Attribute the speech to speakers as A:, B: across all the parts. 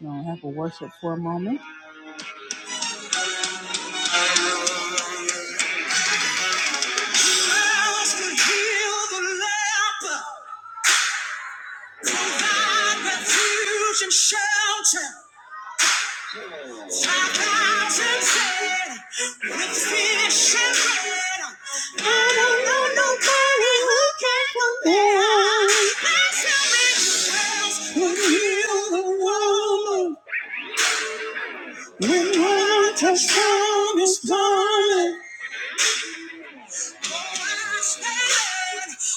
A: We're going to have a worship for a moment. When one touch from his garment,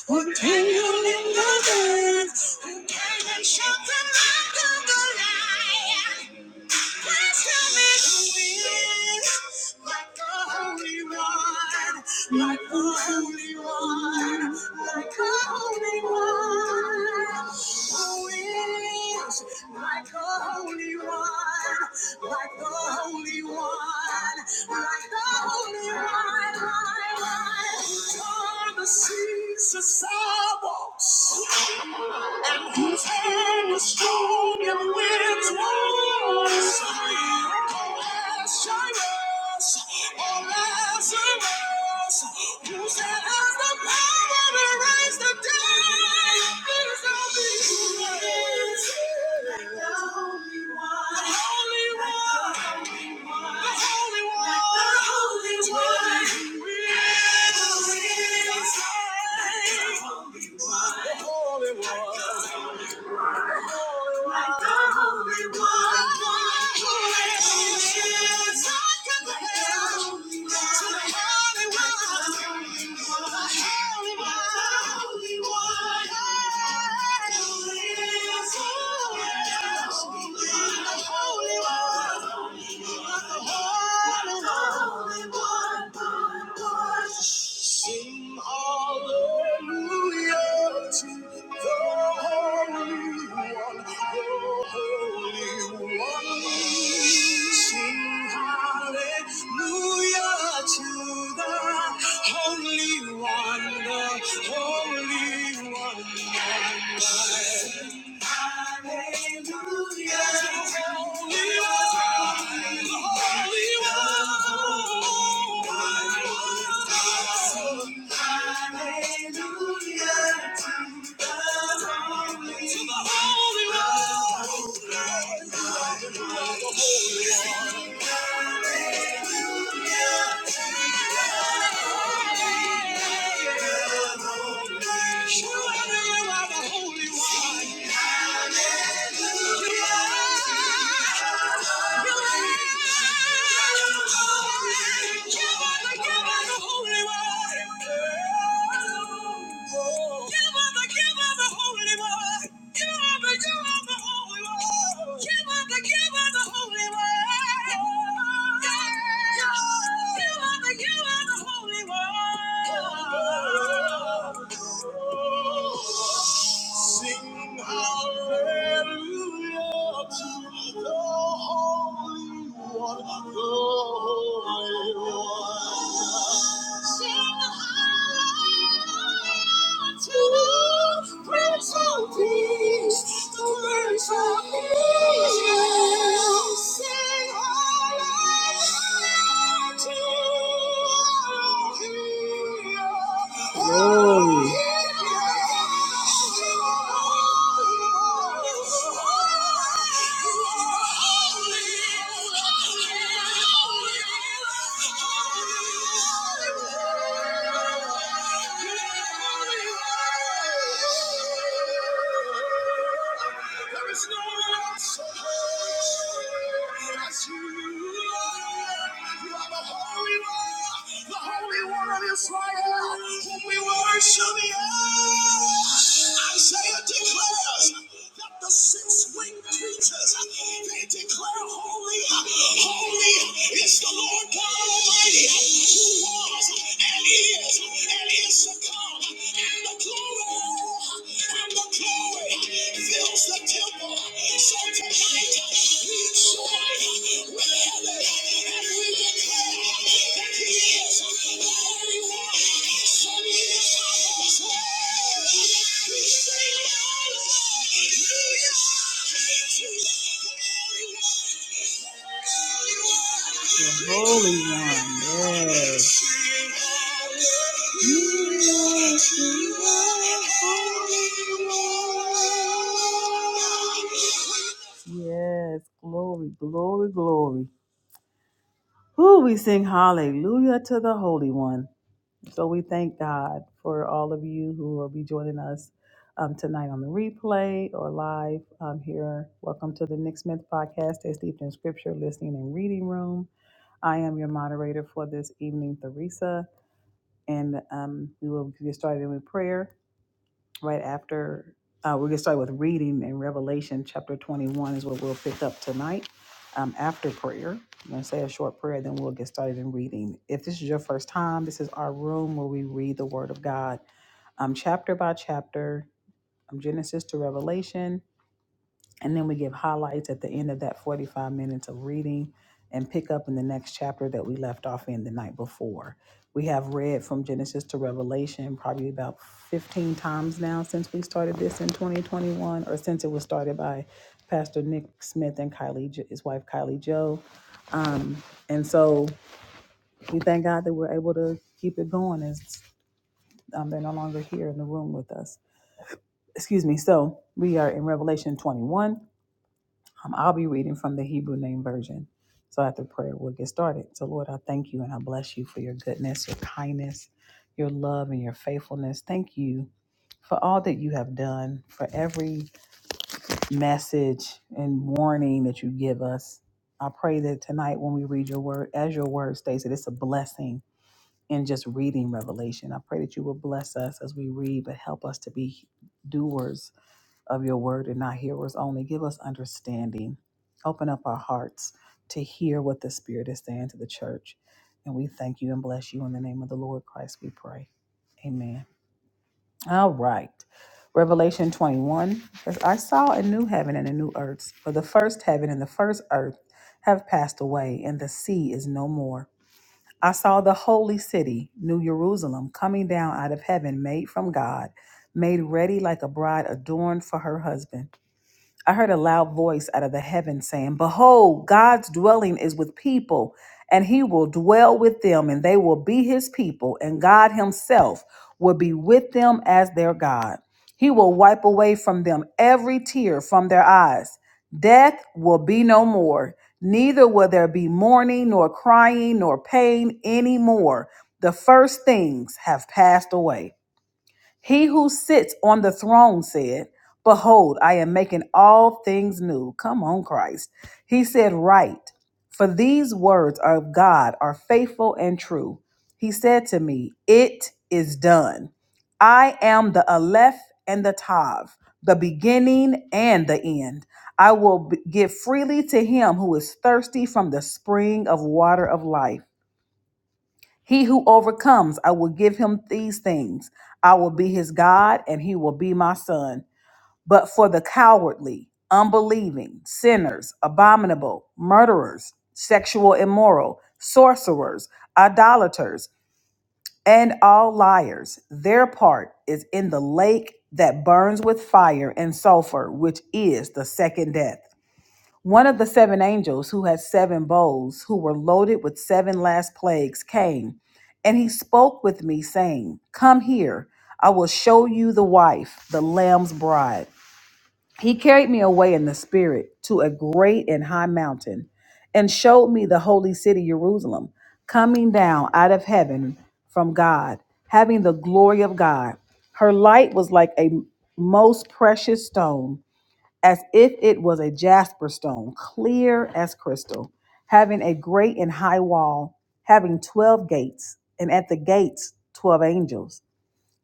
A: Who came in the dark? Who can and shut the mouth of the lion? Like a holy one, like a holy one, who is like a holy one, like the holy one, like the holy one, like the seas, the sidewalks. And whose hand is strong and wins wars. Oh, Lazarus, oh, Lazarus, whose hand has the power to raise the dead. Is The the Holy one. Holy one. Sing hallelujah to the Holy One, the Holy One. Sing hallelujah to the Holy One, the Holy One. Hallelujah. Holy one. Sing hallelujah to the Holy One, the Holy One. Sing hallelujah to the Prince of Peace, the Prince of Peace. Sing hallelujah. to. Glory. There is no one else as you. You are the Holy One, the Holy One of Israel, whom we worship. Yeah. Isaiah declares that the six-winged creatures they declare holy, holy is the Lord God Almighty, who was and is and is to come, and the glory and the glory fills the temple. So tonight we join. The Holy One, yes. Yes, you are holy, Lord. Yes, glory, glory, glory. Who we sing hallelujah to the Holy One. So we thank God for all of you who will be joining us um, tonight on the replay or live um, here. Welcome to the Nick Smith podcast, a steeped in scripture, listening, and reading room. I am your moderator for this evening, Theresa, and um, we will get started with prayer. right after uh, we're going to start with reading in revelation chapter 21 is what we'll pick up tonight um, after prayer i'm going to say a short prayer then we'll get started in reading if this is your first time this is our room where we read the word of god um, chapter by chapter um, genesis to revelation and then we give highlights at the end of that 45 minutes of reading and pick up in the next chapter that we left off in the night before. We have read from Genesis to Revelation probably about 15 times now since we started this in 2021, or since it was started by Pastor Nick Smith and Kylie, Jo- his wife Kylie Joe. And so we thank God that we're able to keep it going as um, they're no longer here in the room with us. Excuse me. So we are in Revelation 21 Um, I'll be reading from the Hebrew Name Version. So after prayer, we'll get started. So, Lord, I thank you and I bless you for your goodness, your kindness, your love, and your faithfulness. Thank you for all that you have done, for every message and warning that you give us. I pray that tonight when we read your word, as your word states, that it's a blessing in just reading Revelation. I pray that you will bless us as we read, but help us to be doers of your word and not hearers only. Give us understanding. Open up our hearts to hear what the Spirit is saying to the church. And we thank you and bless you in the name of the Lord Christ, we pray. Amen. All right. Revelation 21 says, I saw a new heaven and a new earth, for the first heaven and the first earth have passed away, and the sea is no more. I saw the holy city, New Jerusalem, coming down out of heaven, made from God, made ready like a bride adorned for her husband. I heard a loud voice out of the heaven saying, Behold, God's dwelling is with people, and he will dwell with them, and they will be his people, and God himself will be with them as their God. He will wipe away from them every tear from their eyes. Death will be no more, neither will there be mourning, nor crying, nor pain any more. The first things have passed away. He who sits on the throne said, Behold, I am making all things new. Come on, Christ. He said, Write, for these words of God are faithful and true. He said to me, It is done. I am the Aleph and the Tav, the beginning and the end. I will b- give freely to him who is thirsty from the spring of water of life. He who overcomes, I will give him these things. I will be his God, and he will be my son. But for the cowardly, unbelieving, sinners, abominable, murderers, sexual immoral, sorcerers, idolaters, and all liars, their part is in the lake that burns with fire and sulfur, which is the second death. One of the seven angels who had seven bowls, who were loaded with seven last plagues, came, and he spoke with me, saying, Come here, I will show you the wife, the Lamb's bride. He carried me away in the spirit to a great and high mountain, and showed me the holy city Jerusalem, coming down out of heaven from God, having the glory of God. Her light was like a most precious stone as if it was a jasper stone, clear as crystal, having a great and high wall, having twelve gates, and at the gates twelve angels,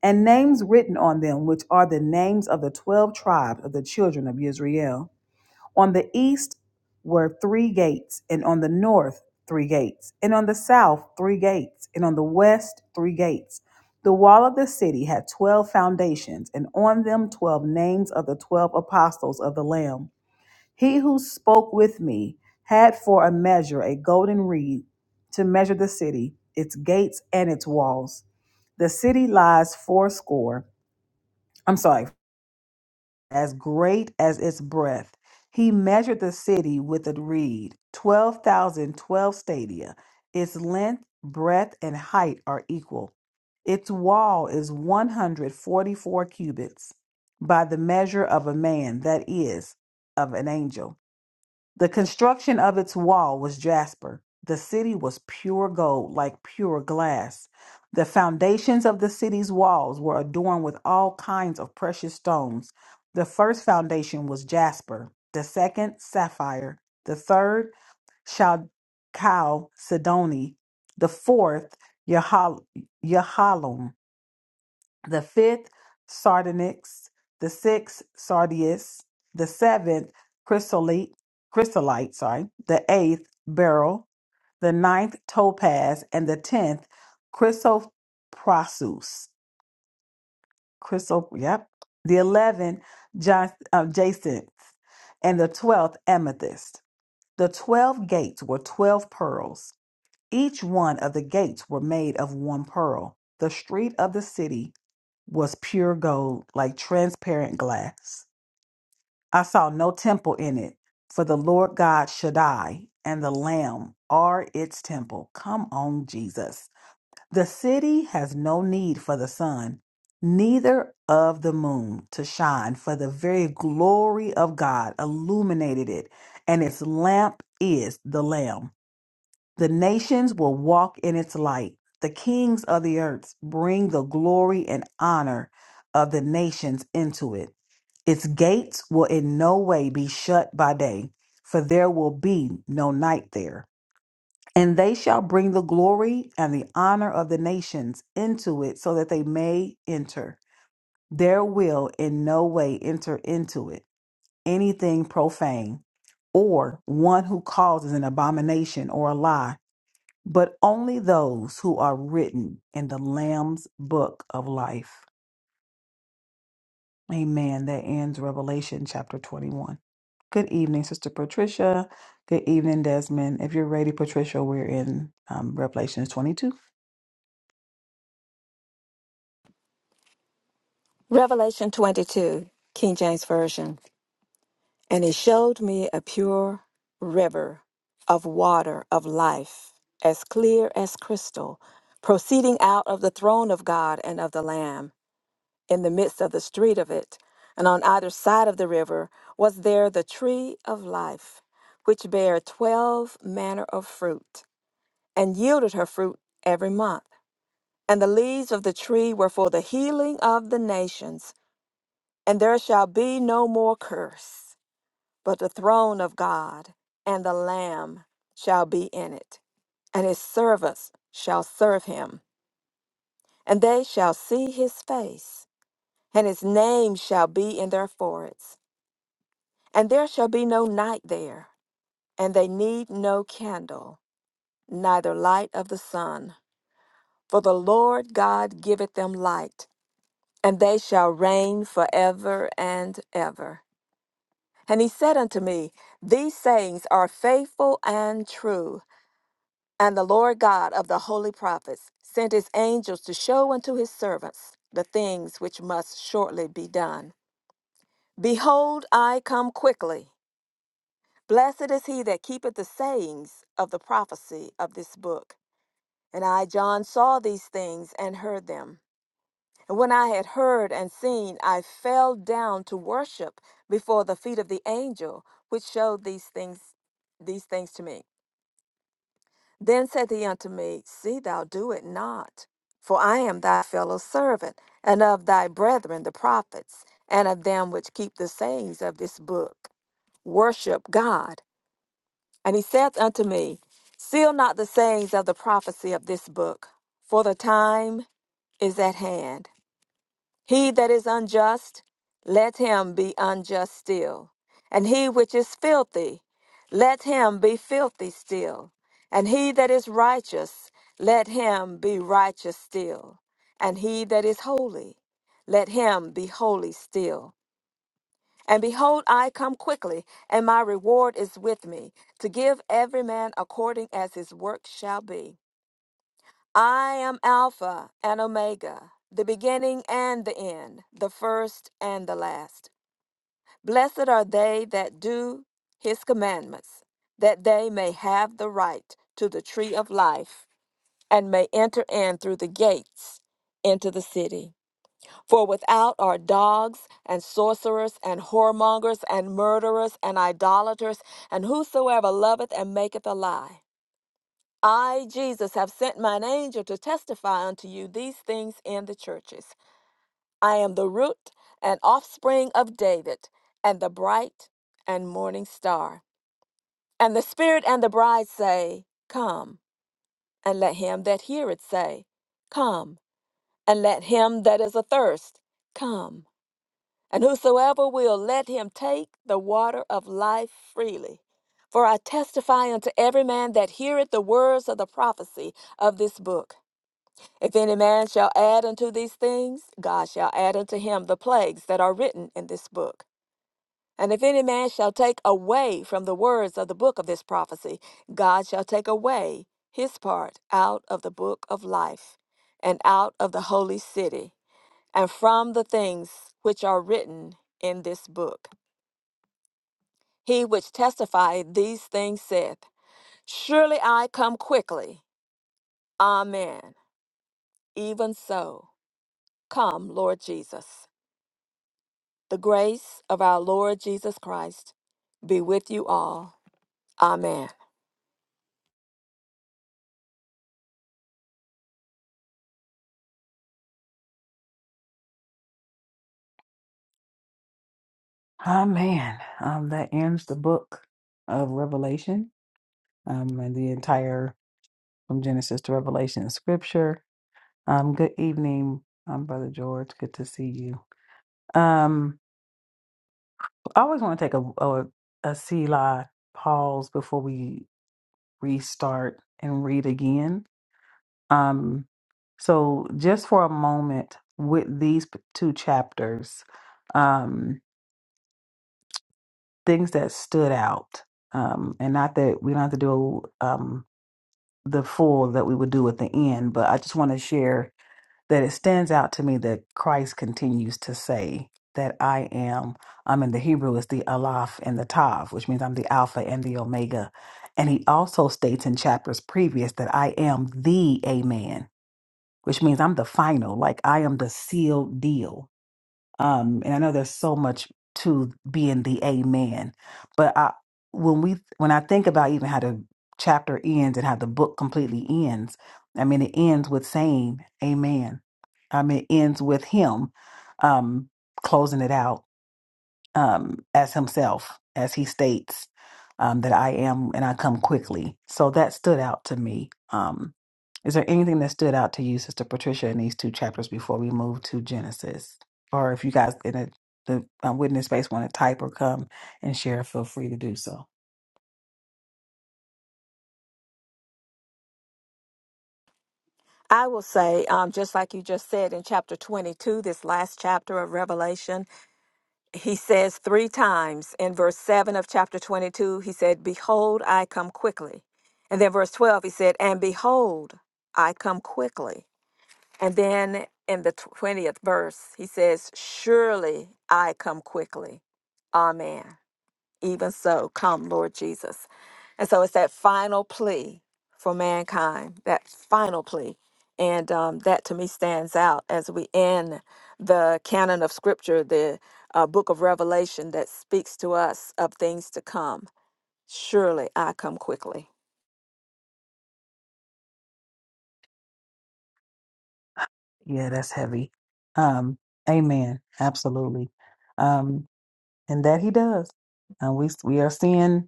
A: and names written on them, which are the names of the twelve tribes of the children of Israel. On the east were three gates, and on the north three gates, and on the south three gates, and on the west three gates. The wall of the city had twelve foundations, and on them twelve names of the twelve apostles of the Lamb. He who spoke with me had for a measure a golden reed to measure the city, its gates, and its walls. The city lies fourscore, I'm sorry, as great as its breadth. He measured the city with a reed, 12,012 stadia. Its length, breadth, and height are equal. Its wall is 144 cubits by the measure of a man, that is, of an angel. The construction of its wall was jasper. The city was pure gold, like pure glass. The foundations of the city's walls were adorned with all kinds of precious stones. The first foundation was jasper, the second, sapphire, the third, chalcedony, the fourth, yahal- yahalom, the fifth sardonyx, the sixth sardius, the seventh chrysolite, chrysolite, sorry, the eighth beryl, the ninth topaz, and the tenth chrysoprasus. Chrysop, yep. The eleventh jas- uh, jacinth, and the twelfth amethyst. The twelve gates were twelve pearls. Each one of the gates were made of one pearl. The street of the city was pure gold, like transparent glass. I saw no temple in it, for the Lord God Shaddai and the Lamb are its temple. Come on, Jesus. The city has no need for the sun, neither of the moon to shine, for the very glory of God illuminated it, and its lamp is the Lamb. The nations will walk in its light. The kings of the earth bring the glory and honor of the nations into it. Its gates will in no way be shut by day, for there will be no night there. And they shall bring the glory and the honor of the nations into it, so that they may enter. There will in no way enter into it anything profane, or one who causes an abomination or a lie but only those who are written in the Lamb's book of life. Amen. That ends Revelation chapter 21. Good evening, Sister Patricia. Good evening, Desmond. If you're ready, Patricia, we're in um, Revelation 22.
B: Revelation 22, King James Version. And he showed me a pure river of water of life, as clear as crystal, proceeding out of the throne of God and of the Lamb, in the midst of the street of it. And on either side of the river was there the tree of life, which bare twelve manner of fruit, and yielded her fruit every month. And the leaves of the tree were for the healing of the nations. And there shall be no more curse, but the throne of God and the Lamb shall be in it, and his servants shall serve him, and they shall see his face, and his name shall be in their foreheads. And there shall be no night there, and they need no candle, neither light of the sun. For the Lord God giveth them light, and they shall reign forever and ever. And he said unto me, These sayings are faithful and true. And the Lord God of the holy prophets sent his angels to show unto his servants the things which must shortly be done. Behold, I come quickly. Blessed is he that keepeth the sayings of the prophecy of this book. And I, John, saw these things and heard them. And when I had heard and seen, I fell down to worship before the feet of the angel which showed these things these things to me. Then said he unto me, See thou do it not, for I am thy fellow servant, and of thy brethren the prophets, and of them which keep the sayings of this book. Worship God. And he saith unto me, Seal not the sayings of the prophecy of this book, for the time is at hand. He that is unjust, let him be unjust still. And he which is filthy, let him be filthy still. And he that is righteous, let him be righteous still. And he that is holy, let him be holy still. And behold, I come quickly, and my reward is with me, to give every man according as his work shall be. I am Alpha and Omega, the beginning and the end, the first and the last. Blessed are they that do his commandments, that they may have the right to the tree of life and may enter in through the gates into the city. For without are dogs and sorcerers and whoremongers and murderers and idolaters and whosoever loveth and maketh a lie. I, Jesus, have sent mine angel to testify unto you these things in the churches. I am the root and offspring of David, and the bright and morning star. And the Spirit and the bride say, Come. And let him that heareth say, Come. And let him that is athirst, Come. And whosoever will, let him take the water of life freely. For I testify unto every man that heareth the words of the prophecy of this book If any man shall add unto these things, God shall add unto him the plagues that are written in this book. And if any man shall take away from the words of the book of this prophecy, God shall take away his part out of the book of life, and out of the holy city, and from the things which are written in this book. He which testifieth these things saith, Surely I come quickly. Amen. Even so, come, Lord Jesus. The grace of our Lord Jesus Christ be with you all. Amen.
A: Amen. Um, that ends the book of Revelation um, and the entire from Genesis to Revelation in scripture. Um, good evening, um, Brother George. Good to see you. Um, I always want to take a, a, a Selah pause before we restart and read again. Um, so, just for a moment with these p- two chapters, um, things that stood out. Um, and not that we don't have to do um, the full that we would do at the end, but I just want to share that it stands out to me that Christ continues to say that I am. I'm in the Hebrew is the Aleph and the Tav, which means I'm the Alpha and the Omega. And he also states in chapters previous that I am the Amen, which means I'm the final, like I am the sealed deal um, and I know there's so much to being the amen, but I when we when I think about even how the chapter ends and how the book completely ends, I mean it ends with saying amen. I mean it ends with him um closing it out um, as himself, as he states um, that I am and I come quickly. So that stood out to me. Um, is there anything that stood out to you, Sister Patricia, in these two chapters before we move to Genesis? Or if you guys in a, the uh, witness space want to type or come and share, feel free to do so.
B: I will say, um, just like you just said in chapter 22, this last chapter of Revelation, he says three times in verse 7 of chapter 22, he said, Behold, I come quickly. And then verse 12, he said, And behold, I come quickly. And then in the 20th verse, he says, Surely I come quickly. Amen. Even so, come, Lord Jesus. And so it's that final plea for mankind, that final plea. And um, that to me stands out as we end the canon of scripture, the uh, book of Revelation that speaks to us of things to come. Surely I come quickly.
A: Yeah, that's heavy. Um, amen. Absolutely. Um, and that he does. And we we are seeing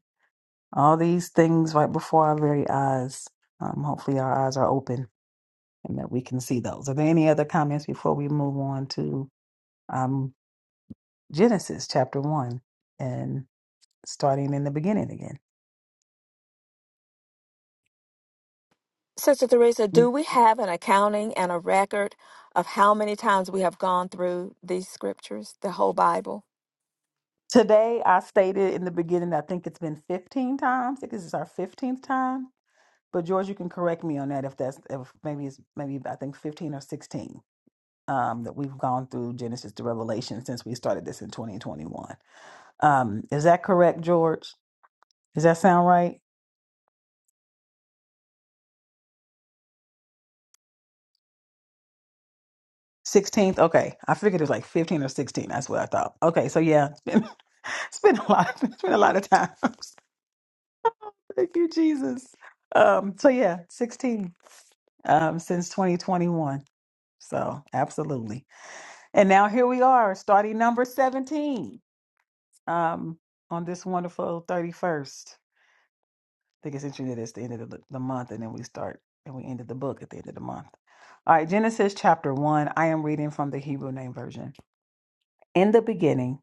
A: all these things right before our very eyes. Um, hopefully, our eyes are open and that we can see those. Are there any other comments before we move on to um, Genesis chapter 1 and starting in the beginning again?
B: Sister Teresa,
A: Mm.
B: do we have an accounting and a record of how many times we have gone through these scriptures, the whole Bible?
A: Today, I stated in the beginning, I think it's been 15 times. I think this is our 15th time but George, you can correct me on that if that's if maybe it's maybe I think fifteen or sixteen um, that we've gone through Genesis to Revelation since we started this in twenty twenty one. Um, is that correct, George? Does that sound right? Sixteenth, okay. I figured it was like fifteen or sixteen. That's what I thought. Okay, so yeah, it's been, it's been a lot. It's been a lot of times. Thank you, Jesus. Um, so yeah, sixteen um, since twenty twenty one. So absolutely, and now here we are, starting number seventeen. um, on this wonderful 31st. I think it's interesting that it's the end of the, the month, and then we start and we ended the book at the end of the month. All right, Genesis chapter 1. I am reading from the Hebrew Name Version. In the beginning,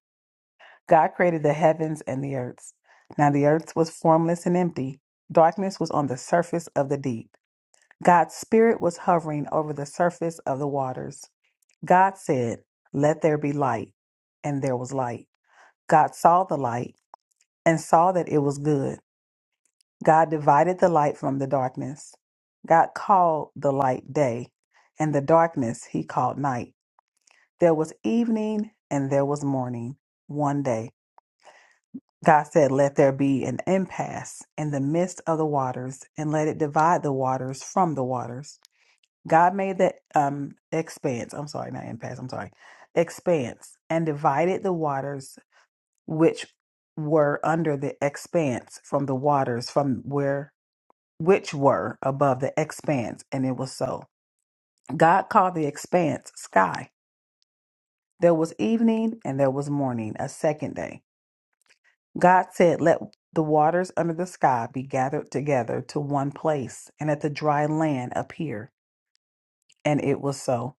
A: God created the heavens and the earth. Now the earth was formless and empty, darkness was on the surface of the deep. God's Spirit was hovering over the surface of the waters. God said, Let there be light, and there was light. God saw the light and saw that it was good. God divided the light from the darkness. God called the light day, and the darkness he called night. There was evening and there was morning, one day. God said, Let there be an impasse in the midst of the waters, and let it divide the waters from the waters. God made the um, expanse, I'm sorry, not impasse, I'm sorry, expanse, and divided the waters which were under the expanse from the waters from where which were above the expanse, and it was so. God called the expanse sky. There was evening and there was morning, a second day. God said, Let the waters under the sky be gathered together to one place, and let the dry land appear. And it was so.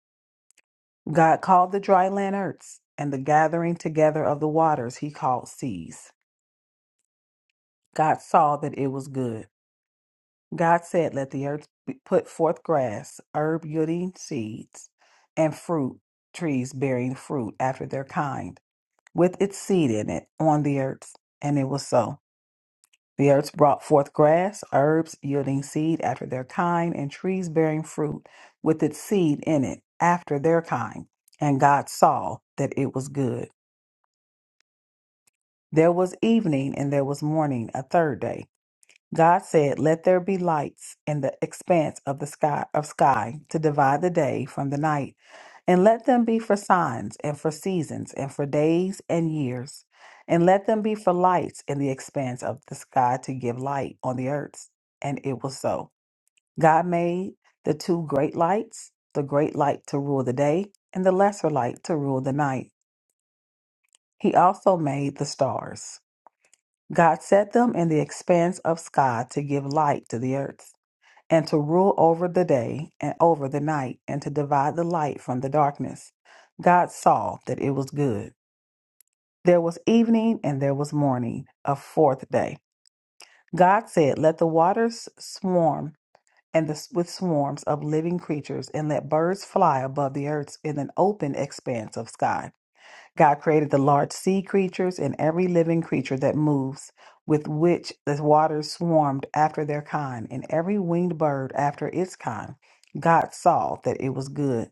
A: God called the dry land earths, and the gathering together of the waters he called seas. God saw that it was good. God said, Let the earth be- put forth grass, herb yielding seeds, and fruit trees bearing fruit after their kind, with its seed in it on the earth. And it was so. The earth brought forth grass, herbs yielding seed after their kind, and trees bearing fruit with its seed in it after their kind. And God saw that it was good. There was evening and there was morning, a third day. God said, Let there be lights in the expanse of the sky of sky to divide the day from the night, and let them be for signs and for seasons and for days and years, and let them be for lights in the expanse of the sky to give light on the earth. And it was so. God made the two great lights, the great light to rule the day, and the lesser light to rule the night. He also made the stars. God set them in the expanse of sky to give light to the earth and to rule over the day and over the night, and to divide the light from the darkness. God saw that it was good. There was evening and there was morning, a fourth day. God said, Let the waters swarm and the, with swarms of living creatures, and let birds fly above the earth in an open expanse of sky. God created the large sea creatures and every living creature that moves, with which the waters swarmed after their kind, and every winged bird after its kind. God saw that it was good.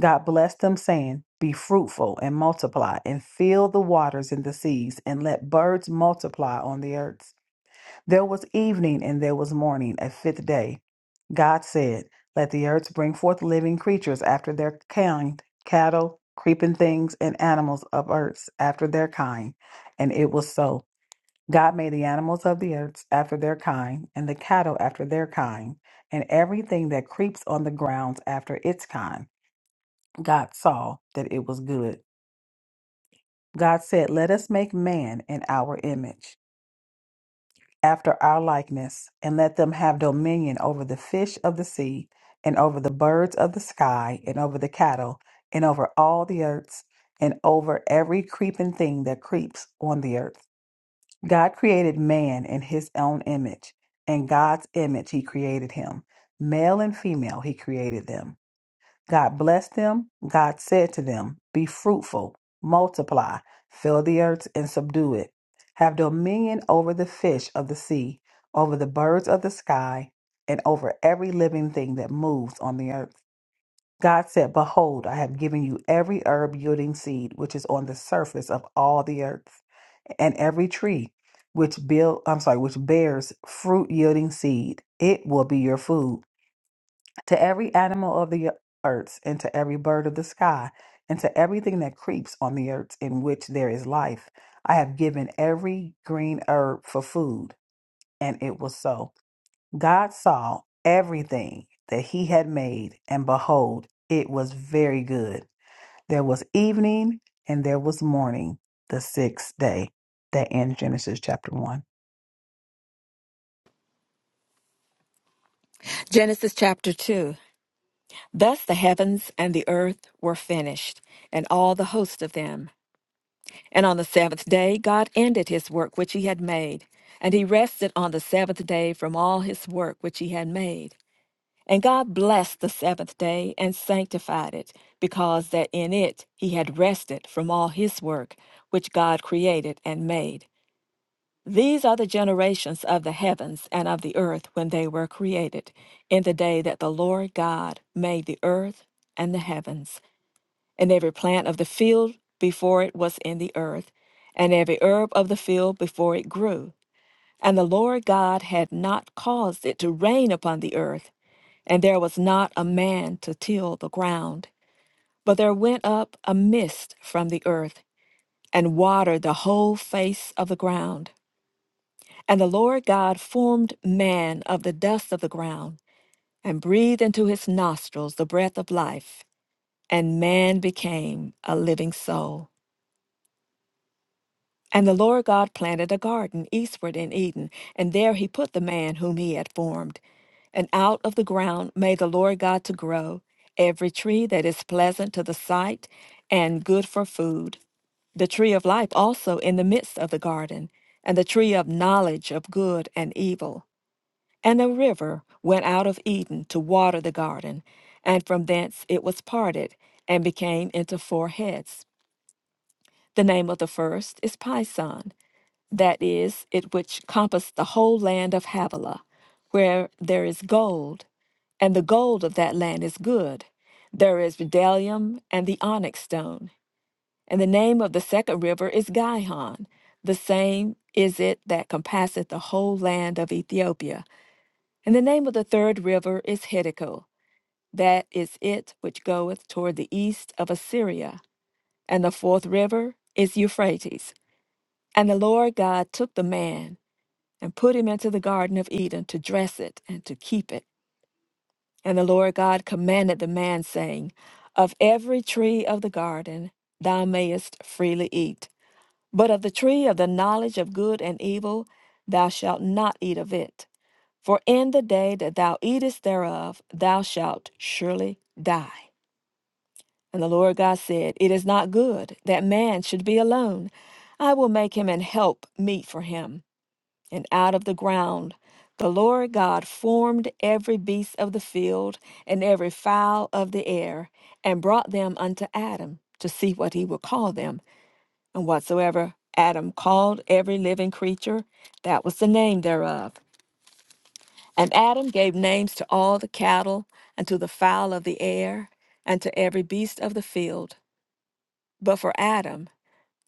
A: God blessed them, saying, Be fruitful and multiply, and fill the waters and the seas, and let birds multiply on the earth. There was evening and there was morning, a fifth day. God said, Let the earth bring forth living creatures after their kind, cattle, creeping things, and animals of earth after their kind. And it was so. God made the animals of the earth after their kind, and the cattle after their kind, and everything that creeps on the ground after its kind. God saw that it was good. God said, Let us make man in our image. after our likeness, and let them have dominion over the fish of the sea, and over the birds of the sky, and over the cattle, and over all the earths, and over every creeping thing that creeps on the earth. God created man in his own image. In God's image, he created him. Male and female, he created them. God blessed them. God said to them, Be fruitful, multiply, fill the earth and subdue it. Have dominion over the fish of the sea, over the birds of the sky, and over every living thing that moves on the earth. God said, Behold, I have given you every herb yielding seed which is on the surface of all the earth, and every tree which build I'm sorry, which bears fruit yielding seed. It will be your food to every animal of the earth, and to every bird of the sky, and to everything that creeps on the earth in which there is life. I have given every green herb for food. And it was so. God saw everything that he had made, and behold, it was very good. There was evening and there was morning, the sixth day. That ends Genesis chapter 1.
B: Genesis chapter 2. Thus the heavens and the earth were finished, and all the host of them. And on the seventh day God ended his work which he had made, and he rested on the seventh day from all his work which he had made. And God blessed the seventh day and sanctified it, because that in it he had rested from all his work which God created and made. These are the generations of the heavens and of the earth when they were created, in the day that the Lord God made the earth and the heavens, and every plant of the field before it was in the earth, and every herb of the field before it grew. And the Lord God had not caused it to rain upon the earth, and there was not a man to till the ground. But there went up a mist from the earth, and watered the whole face of the ground. And the Lord God formed man of the dust of the ground, and breathed into his nostrils the breath of life, and man became a living soul. And the Lord God planted a garden eastward in Eden, and there he put the man whom he had formed. And out of the ground made the Lord God to grow every tree that is pleasant to the sight and good for food the tree of life also in the midst of the garden, and the tree of knowledge of good and evil. And a river went out of Eden to water the garden, and from thence it was parted, and became into four heads. The name of the first is Pison, that is, it which compassed the whole land of Havilah, where there is gold, and the gold of that land is good. There is bdellium and the onyx stone. And the name of the second river is Gihon. The same is it that compasseth the whole land of Ethiopia and the name of the third river is Hiddekel. That is it which goeth toward the east of Assyria. And the fourth river is Euphrates. And the Lord God took the man and put him into the garden of Eden to dress it and to keep it. And the Lord God commanded the man, saying, Of every tree of the garden thou mayest freely eat, but of the tree of the knowledge of good and evil thou shalt not eat of it. For in the day that thou eatest thereof, thou shalt surely die. And the Lord God said, It is not good that man should be alone. I will make him an help meet for him. And out of the ground the Lord God formed every beast of the field and every fowl of the air, and brought them unto Adam to see what he would call them. And whatsoever Adam called every living creature, that was the name thereof. And Adam gave names to all the cattle, and to the fowl of the air, and to every beast of the field. But for Adam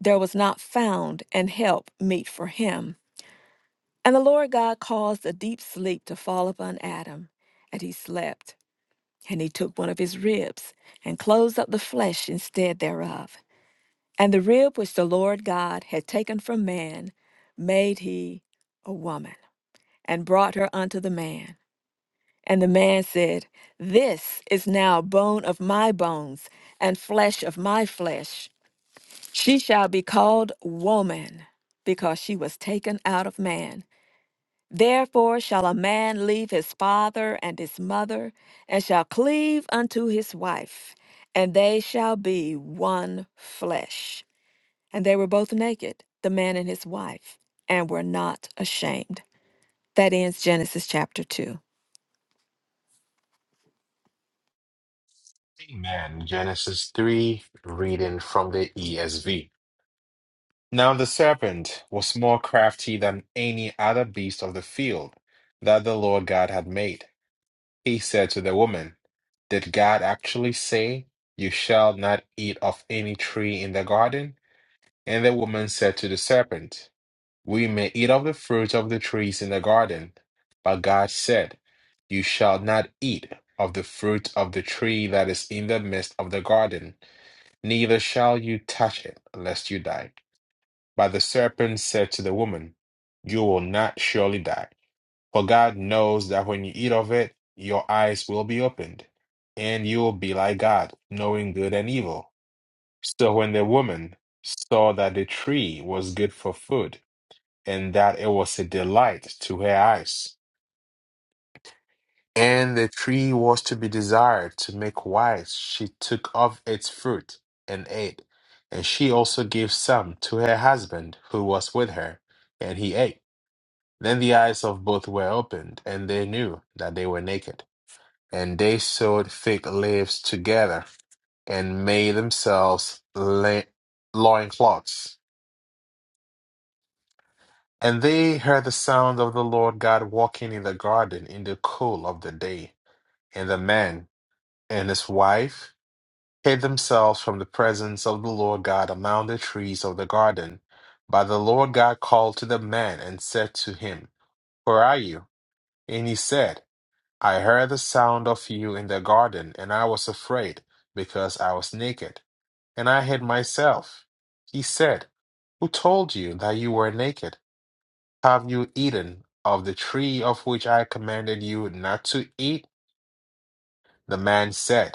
B: there was not found an help meet for him. And the Lord God caused a deep sleep to fall upon Adam, and he slept. And he took one of his ribs, and closed up the flesh instead thereof. And the rib which the Lord God had taken from man made he a woman, and brought her unto the man. And the man said, This is now bone of my bones and flesh of my flesh. She shall be called woman, because she was taken out of man. Therefore shall a man leave his father and his mother, and shall cleave unto his wife, and they shall be one flesh. And they were both naked, the man and his wife, and were not ashamed. That ends Genesis chapter 2.
C: Amen. Genesis 3, reading from the ESV. Now the serpent was more crafty than any other beast of the field that the Lord God had made. He said to the woman, Did God actually say, 'You shall not eat of any tree in the garden? And the woman said to the serpent, We may eat of the fruit of the trees in the garden, but God said, 'You shall not eat of the fruit of the tree that is in the midst of the garden neither shall you touch it, lest you die. But the serpent said to the woman, You will not surely die. For God knows that when you eat of it, your eyes will be opened, and you will be like God, knowing good and evil. So when the woman saw that the tree was good for food, and that it was a delight to her eyes, And the tree was to be desired to make wise. She took of its fruit and ate. And she also gave some to her husband who was with her, and he ate. Then the eyes of both were opened, and they knew that they were naked. And they sewed fig leaves together and made themselves la- loincloths. And they heard the sound of the Lord God walking in the garden in the cool of the day. And the man and his wife hid themselves from the presence of the Lord God among the trees of the garden. But the Lord God called to the man and said to him, Where are you? And he said, I heard the sound of you in the garden, and I was afraid, because I was naked, and I hid myself. He said, Who told you that you were naked? Have you eaten of the tree of which I commanded you not to eat? The man said,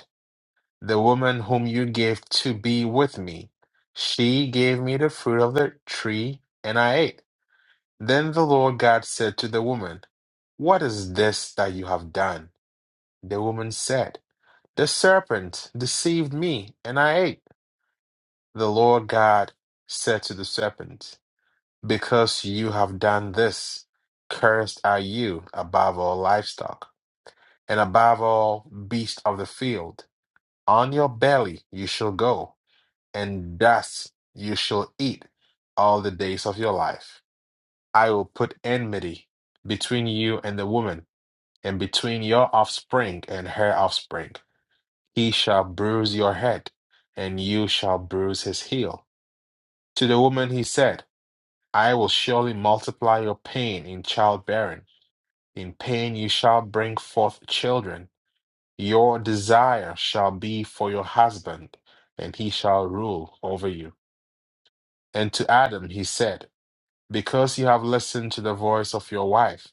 C: the woman whom you gave to be with me. She gave me the fruit of the tree, and I ate. Then the Lord God said to the woman, What is this that you have done? The woman said, The serpent deceived me, and I ate. The Lord God said to the serpent, Because you have done this, cursed are you above all livestock, and above all beasts of the field. On your belly you shall go and dust you shall eat all the days of your life. I will put enmity between you and the woman, and between your offspring and her offspring. He shall bruise your head, and you shall bruise his heel. To the woman he said, I will surely multiply your pain in childbearing. In pain you shall bring forth children. Your desire shall be for your husband, and he shall rule over you. And to Adam he said, because you have listened to the voice of your wife,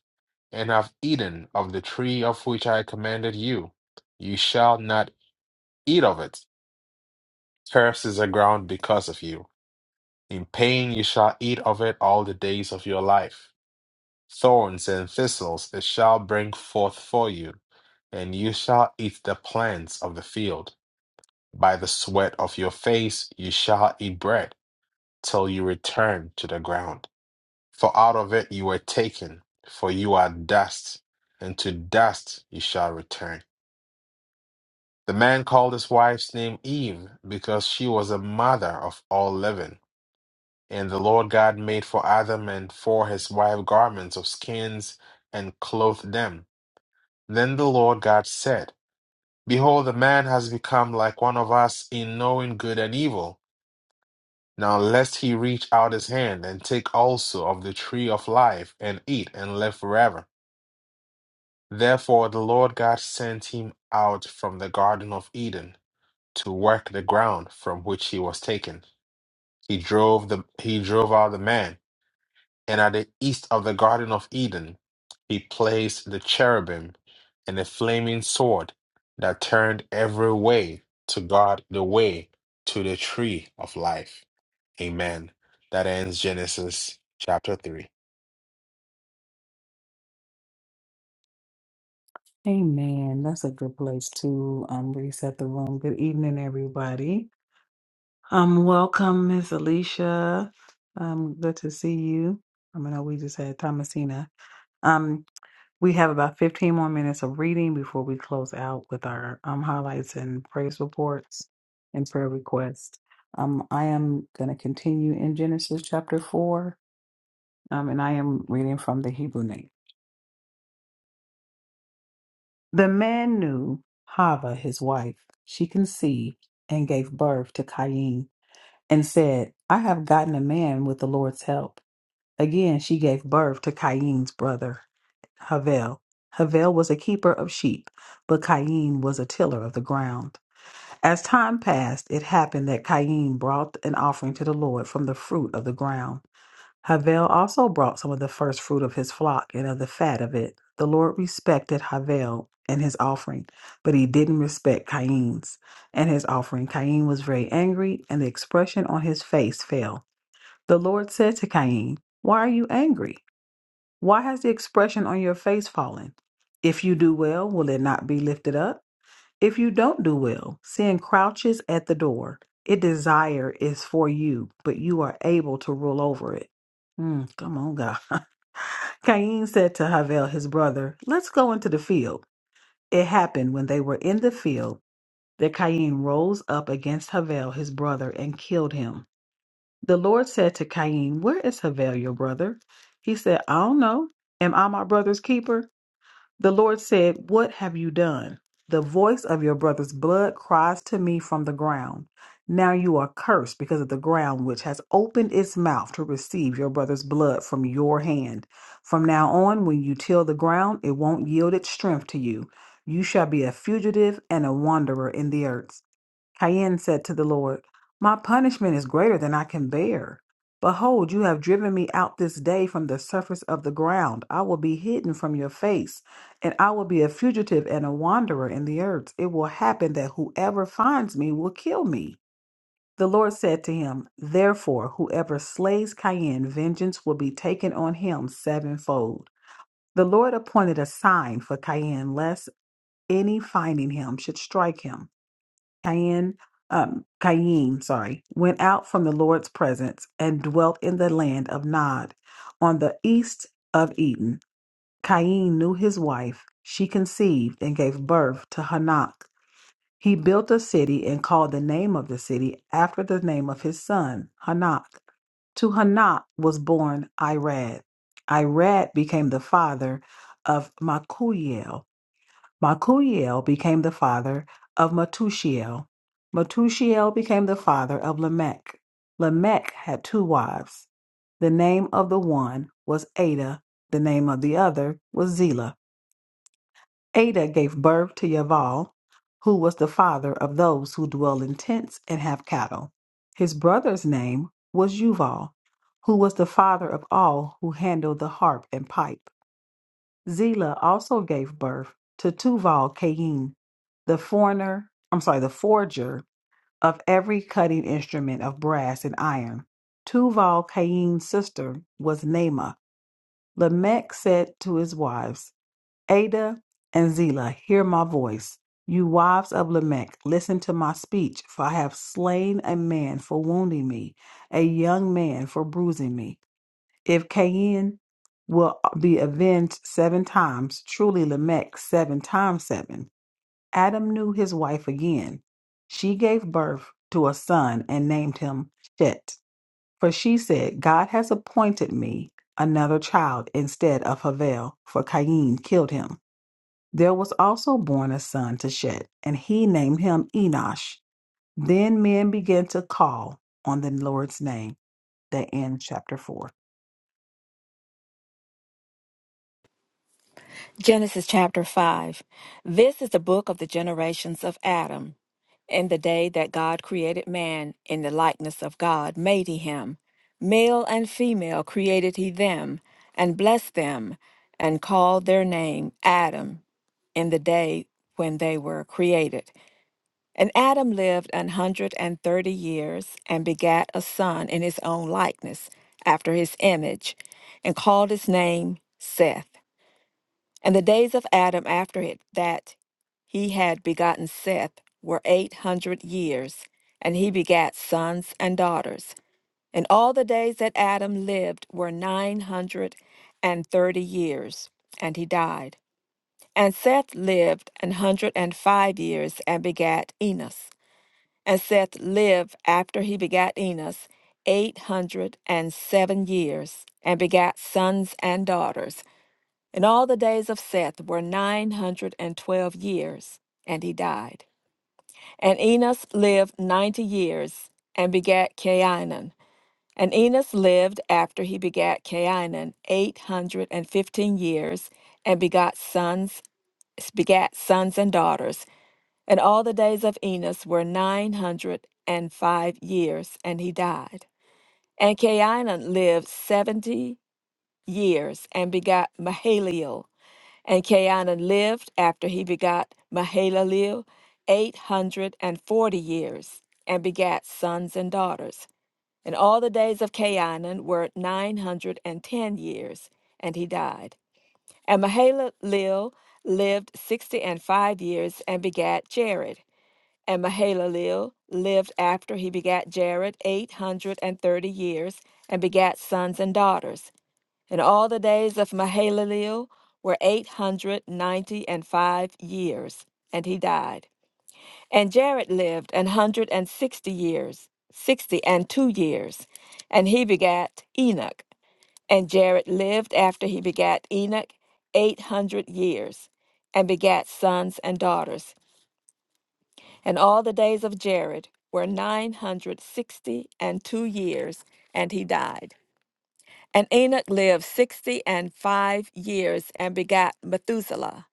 C: and have eaten of the tree of which I commanded you. You shall not eat of it. Cursed is the ground because of you. In pain you shall eat of it all the days of your life. Thorns and thistles it shall bring forth for you, and you shall eat the plants of the field. By the sweat of your face you shall eat bread, till you return to the ground For out of it you were taken, for you are dust, and to dust you shall return. The man called his wife's name Eve, because she was a mother of all living. And the Lord God made for Adam and for his wife garments of skins and clothed them. Then the Lord God said, Behold, the man has become like one of us in knowing good and evil. Now lest he reach out his hand and take also of the tree of life and eat and live forever. Therefore the Lord God sent him out from the Garden of Eden to work the ground from which he was taken. He drove the he drove out the man, and at the east of the Garden of Eden he placed the cherubim and a flaming sword that turned every way to guard the way to the tree of life. Amen. That ends Genesis chapter three.
A: Amen. That's a good place to um, reset the room. Good evening, everybody. Um, welcome, Miss Alicia. Um, good to see you. I mean, I know we just had Thomasina. Um, we have about 15 more minutes of reading before we close out with our um, highlights and praise reports and prayer requests. Um, I am going to continue in Genesis chapter 4, um, and I am reading from the Hebrew name. The man knew Hava, his wife. She conceived and gave birth to Cain and said, I have gotten a man with the Lord's help. Again, she gave birth to Cain's brother, Havel. Havel was a keeper of sheep, but Cain was a tiller of the ground. As time passed, it happened that Cain brought an offering to the Lord from the fruit of the ground. Havel also brought some of the first fruit of his flock and of the fat of it. The Lord respected Havel and his offering, but he didn't respect Cain's and his offering. Cain was very angry, and the expression on his face fell. The Lord said to Cain, Why are you angry? Why has the expression on your face fallen? If you do well, will it not be lifted up? If you don't do well, sin crouches at the door. It desire is for you, but you are able to rule over it. Mm, come on, God. Cain said to Havel, his brother, Let's go into the field. It happened when they were in the field that Cain rose up against Havel, his brother, and killed him. The Lord said to Cain, Where is Havel, your brother? He said, I don't know. Am I my brother's keeper? The Lord said, What have you done? The voice of your brother's blood cries to me from the ground. Now you are cursed because of the ground which has opened its mouth to receive your brother's blood from your hand. From now on, when you till the ground, it won't yield its strength to you. You shall be a fugitive and a wanderer in the earth. Cain said to the Lord, My punishment is greater than I can bear. Behold, you have driven me out this day from the surface of the ground. I will be hidden from your face, and I will be a fugitive and a wanderer in the earth. It will happen that whoever finds me will kill me. The Lord said to him, Therefore, whoever slays Cain, vengeance will be taken on him sevenfold. The Lord appointed a sign for Cain, lest any finding him should strike him. Cain, um, Cain, sorry, went out from the Lord's presence and dwelt in the land of Nod, on the east of Eden. Cain knew his wife; she conceived and gave birth to Hanak. He built a city and called the name of the city after the name of his son, Hanak. To Hanak was born Irad. Irad became the father of Makuiel. Malchutiel became the father of Metushiel. Metushiel became the father of Lamech. Lamech had two wives. The name of the one was Ada, the name of the other was Zillah. Ada gave birth to Yaval, who was the father of those who dwell in tents and have cattle. His brother's name was Yuval, who was the father of all who handle the harp and pipe. Zila also gave birth to Tuval Cain, the foreigner, I'm sorry, the forger of every cutting instrument of brass and iron. Tuval Cain's sister was Naamah. Lamech said to his wives, Ada and Zillah, hear my voice. You wives of Lamech, listen to my speech, for I have slain a man for wounding me, a young man for bruising me. If Cain will uh, be avenged seven times, truly Lamech seven times seven. Adam knew his wife again. She gave birth to a son and named him Shet. For she said, God has appointed me another child instead of Havel, for Cain killed him. There was also born a son to Shet, and he named him Enosh. Then men began to call on the Lord's name. That ends chapter 4.
B: Genesis chapter 5. This is the book of the generations of Adam. In the day that God created man, in the likeness of God made he him. Male and female created he them, and blessed them, and called their name Adam, in the day when they were created. And Adam lived an hundred and thirty years, and begat a son in his own likeness, after his image, and called his name Seth. And the days of Adam after it, that he had begotten Seth were eight hundred years, and he begat sons and daughters. And all the days that Adam lived were nine hundred and thirty years, and he died. And Seth lived an hundred and five years and begat Enos. And Seth lived after he begat Enos eight hundred and seven years, and begat sons and daughters. And all the days of Seth were nine hundred and twelve years, and he died. And Enos lived ninety years, and begat Cainan. And Enos lived after he begat Cainan eight hundred and fifteen years, and begot sons, begat sons and daughters. And all the days of Enos were nine hundred and five years, and he died. And Cainan lived seventy years, and begat Mahalalel. And Cainan lived after he begot Mahalalel eight hundred and forty years, and begat sons and daughters. And all the days of Cainan were nine hundred and ten years, and he died. And Mahalalel lived sixty and five years, and begat Jared. And Mahalalel lived after he begat Jared eight hundred and thirty years, and begat sons and daughters. And all the days of Mahalalel were eight hundred ninety and five years, and he died. And Jared lived an hundred and sixty years, sixty and two years, and he begat Enoch. And Jared lived after he begat Enoch eight hundred years, and begat sons and daughters. And all the days of Jared were nine hundred sixty and two years, and he died. And Enoch lived sixty and five years and begat Methuselah.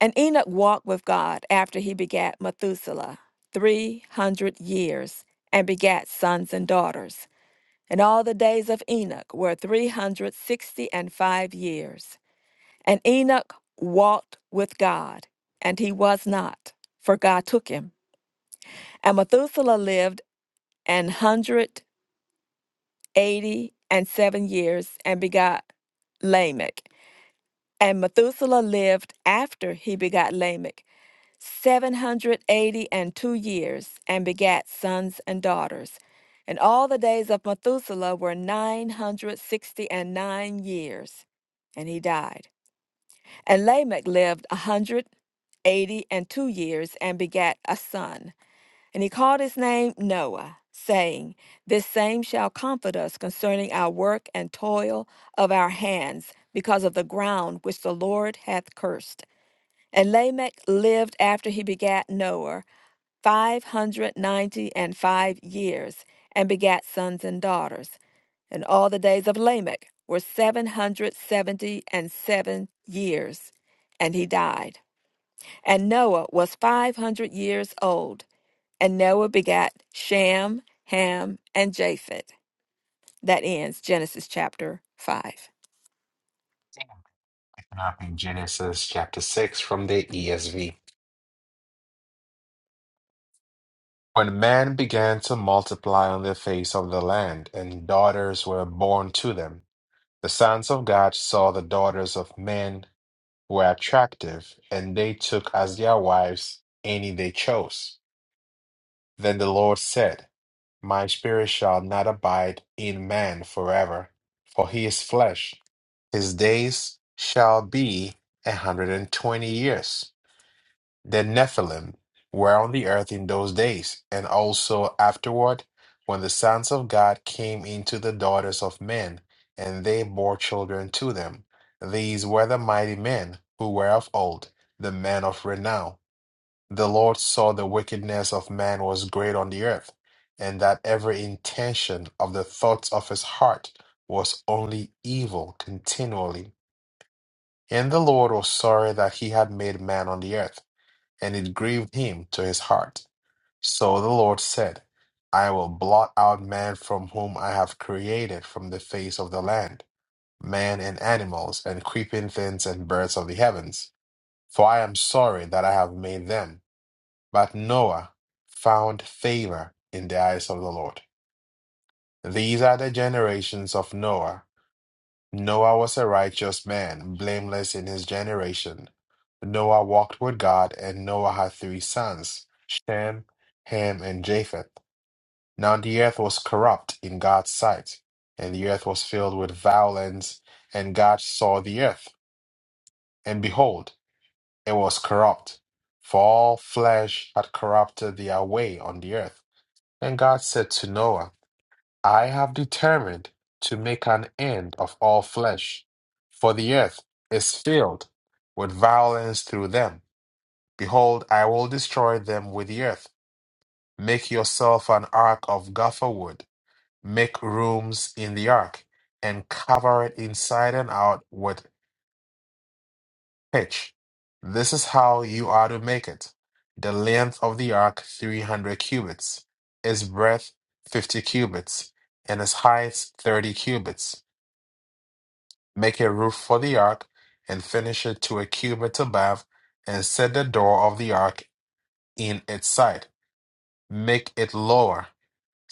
B: And Enoch walked with God after he begat Methuselah three hundred years and begat sons and daughters. And all the days of Enoch were three hundred sixty and five years. And Enoch walked with God, and he was not, for God took him. And Methuselah lived an hundred eighty and seven years and begat Lamech. And Methuselah lived after he begat Lamech seven hundred eighty and two years, and begat sons and daughters. And all the days of Methuselah were nine hundred sixty and nine years, and he died. And Lamech lived a hundred eighty and two years, and begat a son. And he called his name Noah, saying, This same shall comfort us concerning our work and toil of our hands, because of the ground which the Lord hath cursed. And Lamech lived after he begat Noah five hundred ninety and five years, and begat sons and daughters. And all the days of Lamech were seven hundred seventy and seven years, and he died. And Noah was 500 years old. And Noah begat Shem, Ham, and Japheth. That ends Genesis chapter 5.
C: Picking up in Genesis chapter six from the ESV. When men began to multiply on the face of the land, and daughters were born to them, the sons of God saw the daughters of men were attractive, and they took as their wives any they chose. Then the Lord said, My spirit shall not abide in man forever, for he is flesh. His days shall be a hundred and twenty years. The Nephilim were on the earth in those days, and also afterward, when the sons of God came into the daughters of men, and they bore children to them. These were the mighty men who were of old, the men of renown. The Lord saw the wickedness of man was great on the earth, and that every intention of the thoughts of his heart was only evil continually. And the Lord was sorry that he had made man on the earth and it grieved him to his heart. So the Lord said, I will blot out man from whom I have created from the face of the land, man and animals, and creeping things and birds of the heavens. For I am sorry that I have made them. But Noah found favor in the eyes of the Lord. These are the generations of Noah. Noah was a righteous man, blameless in his generation. Noah walked with God, and Noah had three sons, Shem, Ham, and Japheth. Now the earth was corrupt in God's sight, and the earth was filled with violence, and God saw the earth, and behold, it was corrupt, for all flesh had corrupted their way on the earth. And God said to Noah, I have determined to make an end of all flesh, for the earth is filled with violence through them. Behold, I will destroy them with the earth. Make yourself an ark of gopher wood. Make rooms in the ark, and cover it inside and out with pitch. This is how you are to make it. The length of the ark, 300 cubits, its breadth, 50 cubits, and its height, 30 cubits. make a roof for the ark, and finish it to a cubit above, and set the door of the ark in its side. Make it lower,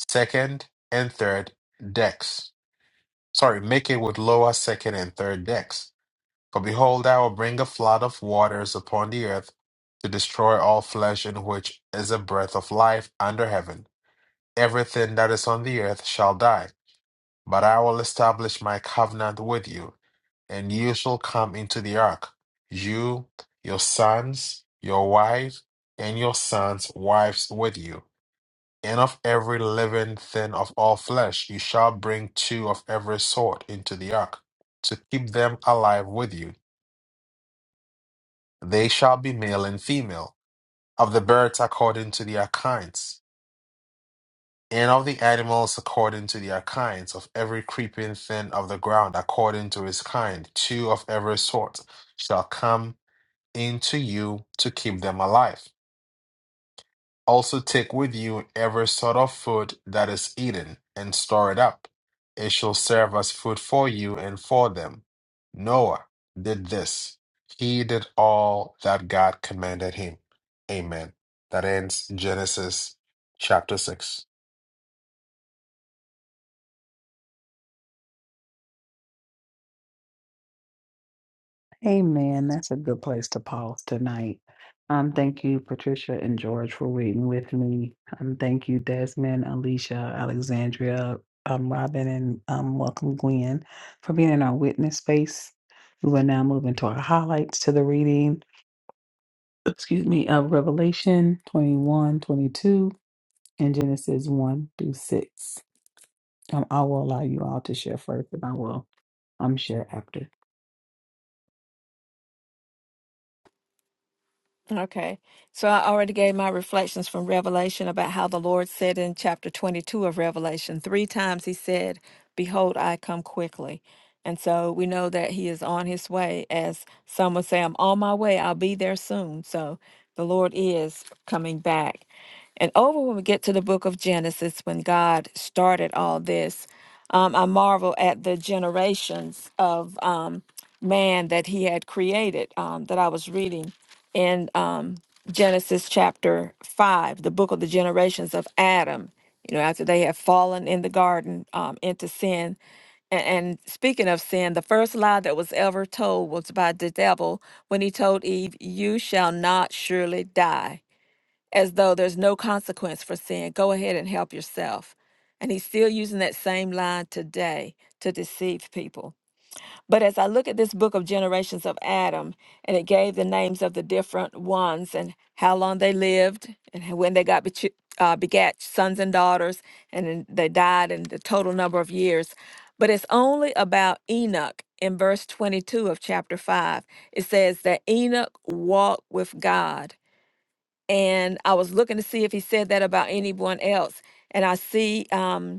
C: second and third decks. Sorry, make it with lower, second, and third decks. For behold, I will bring a flood of waters upon the earth to destroy all flesh in which is a breath of life under heaven. Everything that is on the earth shall die. But I will establish my covenant with you and you shall come into the ark, you, your sons, your wives, and your sons' wives with you. And of every living thing of all flesh you shall bring two of every sort into the ark, to keep them alive with you. They shall be male and female, of the birds according to their kinds, and of the animals according to their kinds, of every creeping thing of the ground according to its kind, two of every sort shall come into you to keep them alive. Also, take with you every sort of food that is eaten, and store it up. It shall serve as food for you and for them. Noah did this. He did all that God commanded him. Amen. That ends Genesis chapter 6.
A: Amen. That's a good place to pause tonight. Um, thank you, Patricia and George, for waiting with me. Um, thank you, Desmond, Alicia, Alexandria, um, Robin, and um, welcome Gwen for being in our witness space. We will now move into our highlights to the reading, excuse me, of Revelation 21, 22, and Genesis 1 through 6. Um, I will allow you all to share first, and I will um, share after.
B: Okay. So I already gave my reflections from Revelation about how the Lord said in chapter 22 of Revelation, three times he said, Behold, I come quickly. And so we know that he is on his way. As some would say, I'm on my way. I'll be there soon. So the Lord is coming back. And over when we get to the book of Genesis, when God started all this, um, I marvel at the generations of um, man that he had created um, that I was reading in um, Genesis chapter 5, the book of the generations of Adam, you know, after they have fallen in the garden um, into sin. And, and speaking of sin, the first lie that was ever told was by the devil when he told Eve, You shall not surely die, as though there's no consequence for sin. Go ahead and help yourself. And he's still using that same line today to deceive people. But as I look at this book of generations of Adam, and it gave the names of the different ones and how long they lived and when they got bechu- uh, begat sons and daughters, and then they died and the total number of years. But it's only about Enoch in verse 22 of chapter 5. It says that Enoch walked with God. And I was looking to see if he said that about anyone else. And I see um,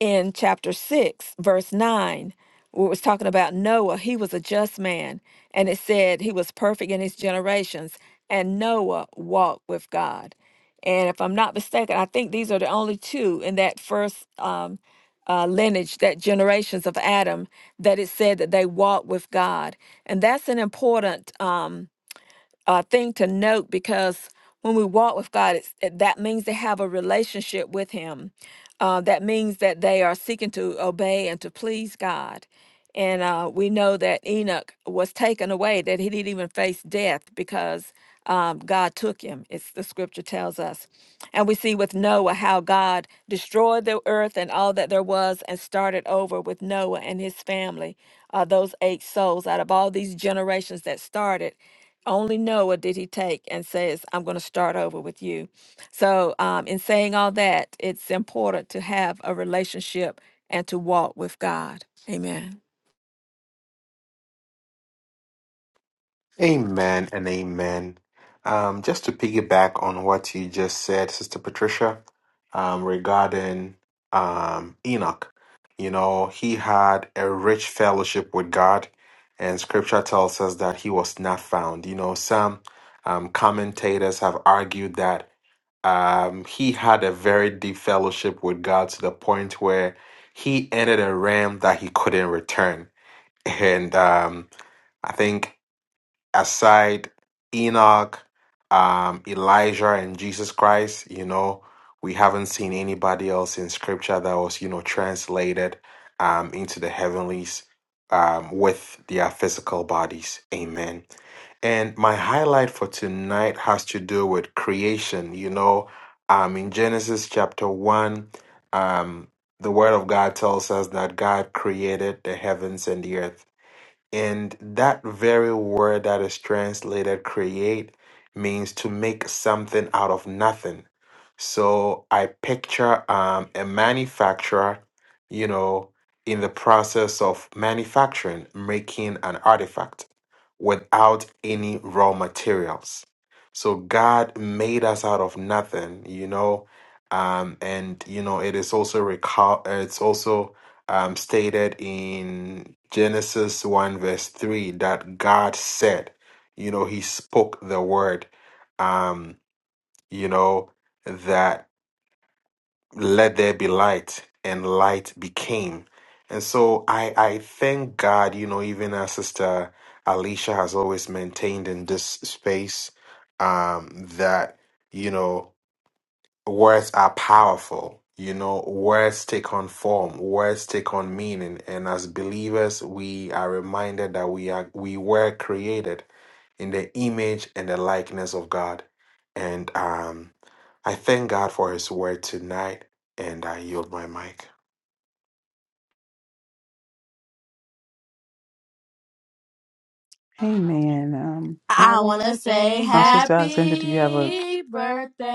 B: in chapter 6, verse 9, where it was talking about Noah. He was a just man, and it said he was perfect in his generations, and Noah walked with God. And if I'm not mistaken, I think these are the only two in that first um, uh, lineage, that generations of Adam, that it said that they walked with God. And that's an important. Um, uh, thing to note because when we walk with God, it's, it- that means they have a relationship with Him. Uh, that means that they are seeking to obey and to please God. And uh, we know that Enoch was taken away, that he didn't even face death because um, God took him. It's the scripture tells us. And we see with Noah how God destroyed the earth and all that there was and started over with Noah and his family, uh, those eight souls out of all these generations that started. Only Noah did he take and says, I'm going to start over with you. So, um, in saying all that, it's important to have a relationship and to walk with God. Amen.
C: Amen and amen. Um, just to piggyback on what you just said, Sister Patricia, um, regarding um, Enoch, you know, he had a rich fellowship with God, and scripture tells us that he was not found. You know, some um, commentators have argued that um, he had a very deep fellowship with God to the point where he entered a realm that he couldn't return. And um, I think aside Enoch, um, Elijah, and Jesus Christ, you know, we haven't seen anybody else in scripture that was, you know, translated um, into the heavenlies um, with their physical bodies. Amen. And my highlight for tonight has to do with creation. You know, um, in Genesis chapter 1, um, the Word of God tells us that God created the heavens and the earth. And that very word that is translated create means to make something out of nothing. So I picture um, a manufacturer, you know, in the process of manufacturing, making an artifact without any raw materials. So God made us out of nothing, you know, um, and you know it is also recall. It's also um, stated in Genesis 1, verse 3, that God said, you know, He spoke the word, um, you know, that let there be light, and light became. And so I, I thank God, you know, even as Sister Alicia has always maintained in this space, um, that, you know, words are powerful. You know, words take on form, words take on meaning, and as believers, we are reminded that we are we were created in the image and the likeness of God. And um, I thank God for His word tonight, and I yield my mic.
A: Amen. Um,
D: I want to say
A: my sister Alexandra, did you have a
D: happy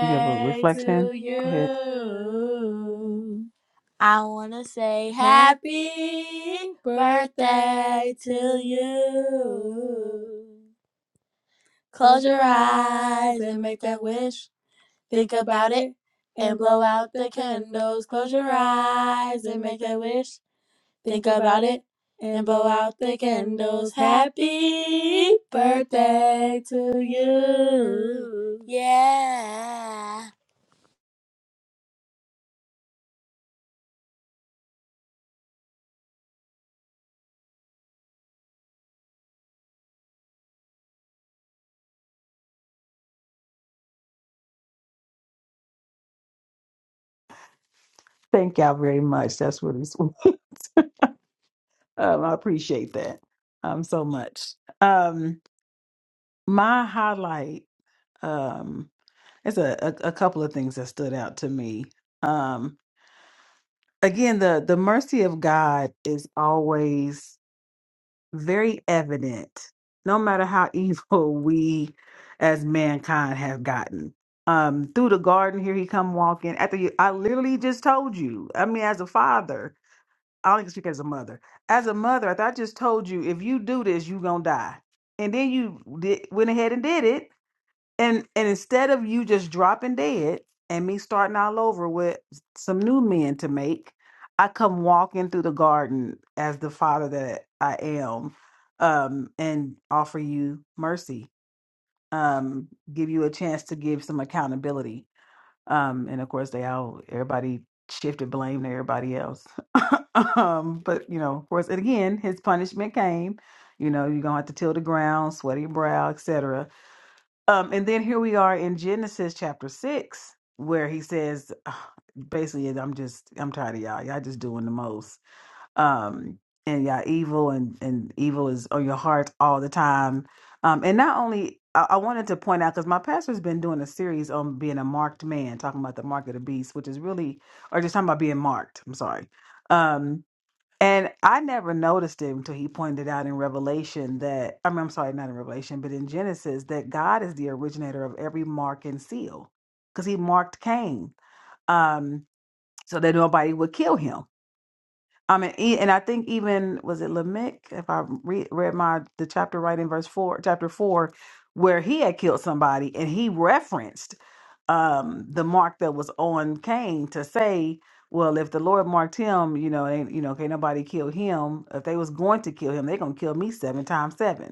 A: You have a reflection?
D: to
A: Go ahead.
D: you. I want to say happy birthday to you. Close your eyes and make that wish. Think about it and blow out the candles. Close your eyes and make that wish. Think about it and blow out the candles. Happy birthday to you. Yeah.
A: Thank y'all very much. That's what it's. um, I appreciate that um, so much. Um, my highlight um, is a, a, a couple of things that stood out to me. Um, again, the the mercy of God is always very evident, no matter how evil we as mankind have gotten. Um, through the garden, here he come walking. After you, I literally just told you. I mean, as a father, I only can speak as a mother. As a mother, I, thought I just told you if you do this, you gonna die. And then you did, went ahead and did it. And and instead of you just dropping dead and me starting all over with some new men to make, I come walking through the garden as the father that I am, um, and offer you mercy, um, give you a chance to give some accountability um, and of course, they all everybody shifted blame to everybody else. um, but you know, of course, and again, his punishment came. You know, you're gonna have to till the ground, sweat your brow, etc. Um, and then here we are in Genesis chapter six, where he says, "Ugh," basically, I'm just, I'm tired of y'all. Y'all just doing the most um and yeah evil and and evil is on your heart all the time um and not only i, I wanted to point out because my pastor's been doing a series on being a marked man talking about the mark of the beast which is really or just talking about being marked i'm sorry um and i never noticed it until he pointed out in revelation that i mean i'm sorry not in revelation but in genesis that god is the originator of every mark and seal because he marked cain um so that nobody would kill him I mean, e- and I think even was it Lamech, if I re- read my the chapter right in verse four, chapter four, where he had killed somebody, and he referenced um the mark that was on Cain to say, well, if the Lord marked him, you know, ain't you know, can't nobody kill him. If they was going to kill him, they're gonna kill me seven times seven.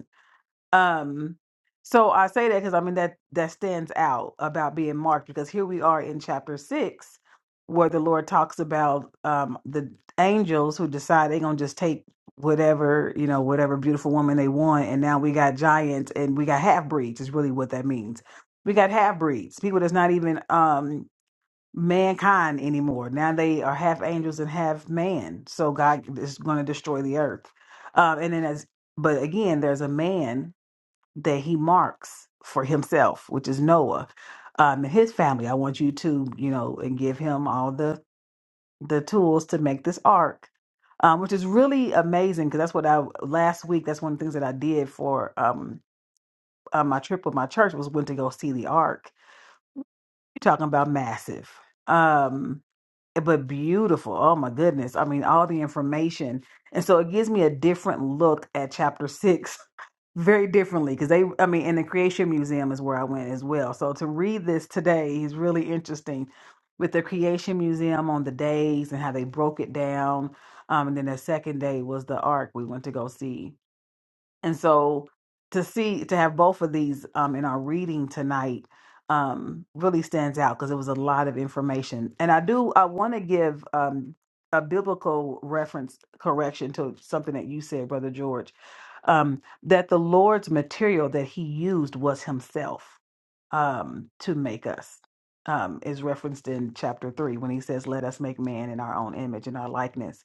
A: Um, so I say that because I mean that that stands out about being marked because here we are in chapter six, where the Lord talks about um the angels who decide they're gonna just take whatever you know whatever beautiful woman they want, and now we got giants and we got half breeds is really what that means. We got half breeds, people that's not even um mankind anymore. Now they are half angels and half man. So God is going to destroy the earth. Um, and then as but again, there's a man that he marks for himself, which is Noah um, and his family. I want you to, you know, and give him all the the tools to make this ark, um, which is really amazing because that's what I last week. That's one of the things that I did for um, uh, my trip with my church was went to go see the ark. You're talking about massive. Um, but beautiful. Oh my goodness. I mean, all the information. And so it gives me a different look at chapter six very differently because they, I mean, and the Creation Museum is where I went as well. So to read this today is really interesting with the Creation Museum on the days and how they broke it down. Um, and then the second day was the Ark we went to go see. And so to see to have both of these um, in our reading tonight um, really stands out because it was a lot of information. And I do I want to give um, a biblical reference correction to something that you said, Brother George, um, that the Lord's material that He used was Himself um, to make us um, is referenced in chapter three when he says, Let us make man in our own image and our likeness.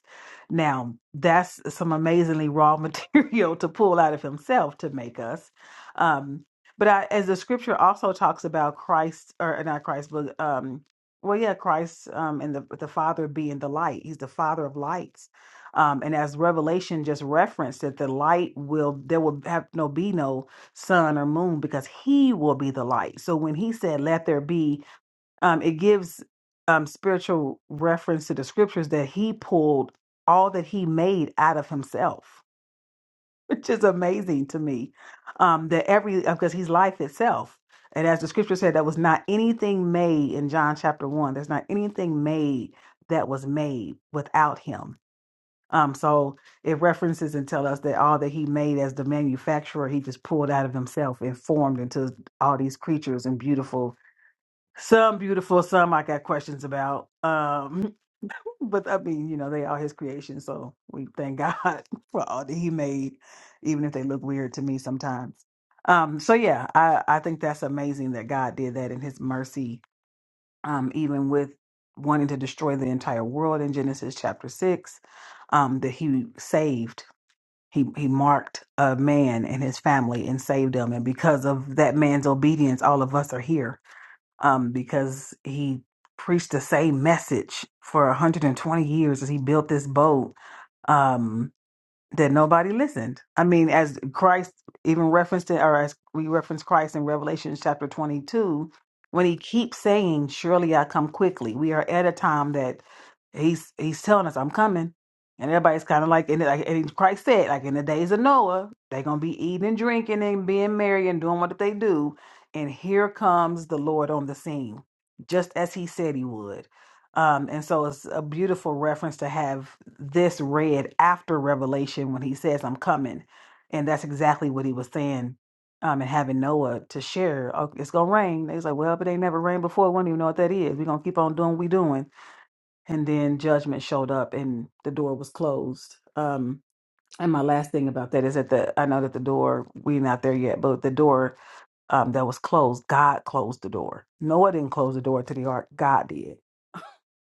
A: Now, that's some amazingly raw material to pull out of himself to make us. Um, but I, as the scripture also talks about Christ, or not Christ, but um, well, yeah, Christ um, and the, the Father being the light, he's the Father of lights. Um, and as Revelation just referenced, that the light will, there will have no be no sun or moon because he will be the light so when he said let there be um it gives um spiritual reference to the scriptures that he pulled all that he made out of himself which is amazing to me um that every because he's life itself and as the scripture said that was not anything made in john chapter 1 there's not anything made that was made without him um, so it references and tell us that all that he made as the manufacturer, he just pulled out of himself and formed into all these creatures and beautiful, some beautiful, some I got questions about. Um, but I mean, you know, they are his creation, so we thank God for all that he made, even if they look weird to me sometimes. Um, so yeah, I, I think that's amazing that God did that in his mercy, um, even with wanting to destroy the entire world in Genesis chapter six um, that he saved he he marked a man and his family and saved them and because of that man's obedience all of us are here um because he preached the same message for 120 years as he built this boat um that nobody listened. I mean, as Christ even referenced it, or as we reference Christ in Revelation chapter 22, when he keeps saying, Surely I come quickly, we are at a time that he's he's telling us, I'm coming. And everybody's kind of like, and, like, and Christ said, like in the days of Noah, they're going to be eating and drinking and being merry and doing what they do. And here comes the Lord on the scene, just as he said he would. Um, and so it's a beautiful reference to have this read after Revelation when he says, I'm coming. And that's exactly what he was saying. Um, and having Noah to share, oh, it's gonna rain. They was like, well, but they never rained before. We don't even know what that is. We're gonna keep on doing what we doing. And then judgment showed up and the door was closed. Um, and my last thing about that is that the I know that the door, we not there yet, but the door um, that was closed, God closed the door. Noah didn't close the door to the ark, God did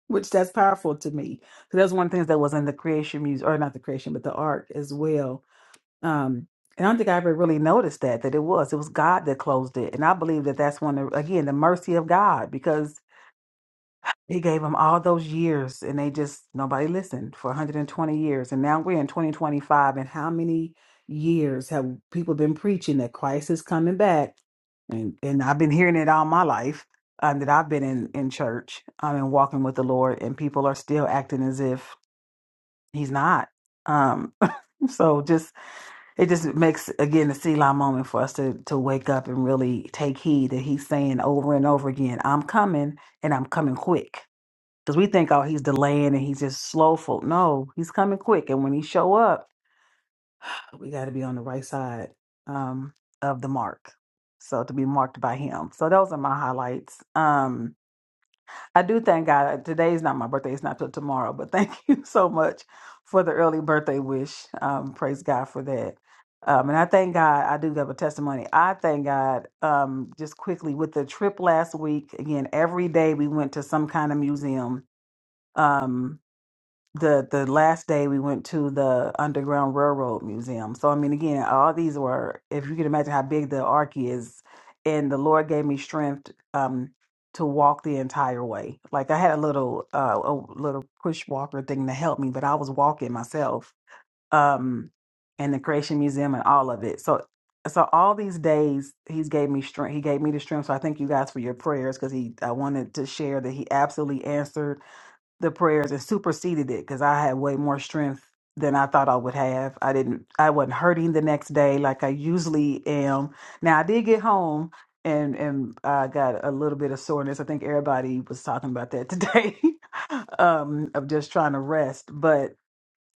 A: which that's powerful to me. So that's one of the things that was in the creation music, or not the creation, but the ark as well. Um, and I don't think I ever really noticed that that it was it was God that closed it, and I believe that that's one of again the mercy of God because he gave them all those years and they just, nobody listened for 120 years. And now we're in 2025. And how many years have people been preaching that Christ is coming back? And, and I've been hearing it all my life um, that I've been in, in church um, and walking with the Lord, and people are still acting as if he's not. Um, so just it just makes again a Selah moment for us to to wake up and really take heed that he's saying over and over again, I'm coming and I'm coming quick because we think, oh, he's delaying and he's just slowful. No, he's coming quick. And when he show up, we got to be on the right side um, of the mark. So to be marked by him. So those are my highlights. Um, I do thank God. Today's not my birthday. It's not till tomorrow. But thank you so much for the early birthday wish. Um, praise God for that. Um, and I thank God. I do have a testimony. I thank God. Um, just quickly with the trip last week. Again, every day we went to some kind of museum. Um, the the last day we went to the Underground Railroad Museum. So I mean, again, all these were if you can imagine how big the arc is, and the Lord gave me strength um to walk the entire way. Like I had a little uh a little push walker thing to help me, but I was walking myself. Um, and the Creation Museum and all of it. So so all these days he's gave me strength he gave me the strength so i thank you guys for your prayers because he i wanted to share that he absolutely answered the prayers and superseded it because I had way more strength than I thought I would have. I didn't I wasn't hurting the next day like I usually am. Now I did get home and and I got a little bit of soreness. I think everybody was talking about that today. um of just trying to rest. but.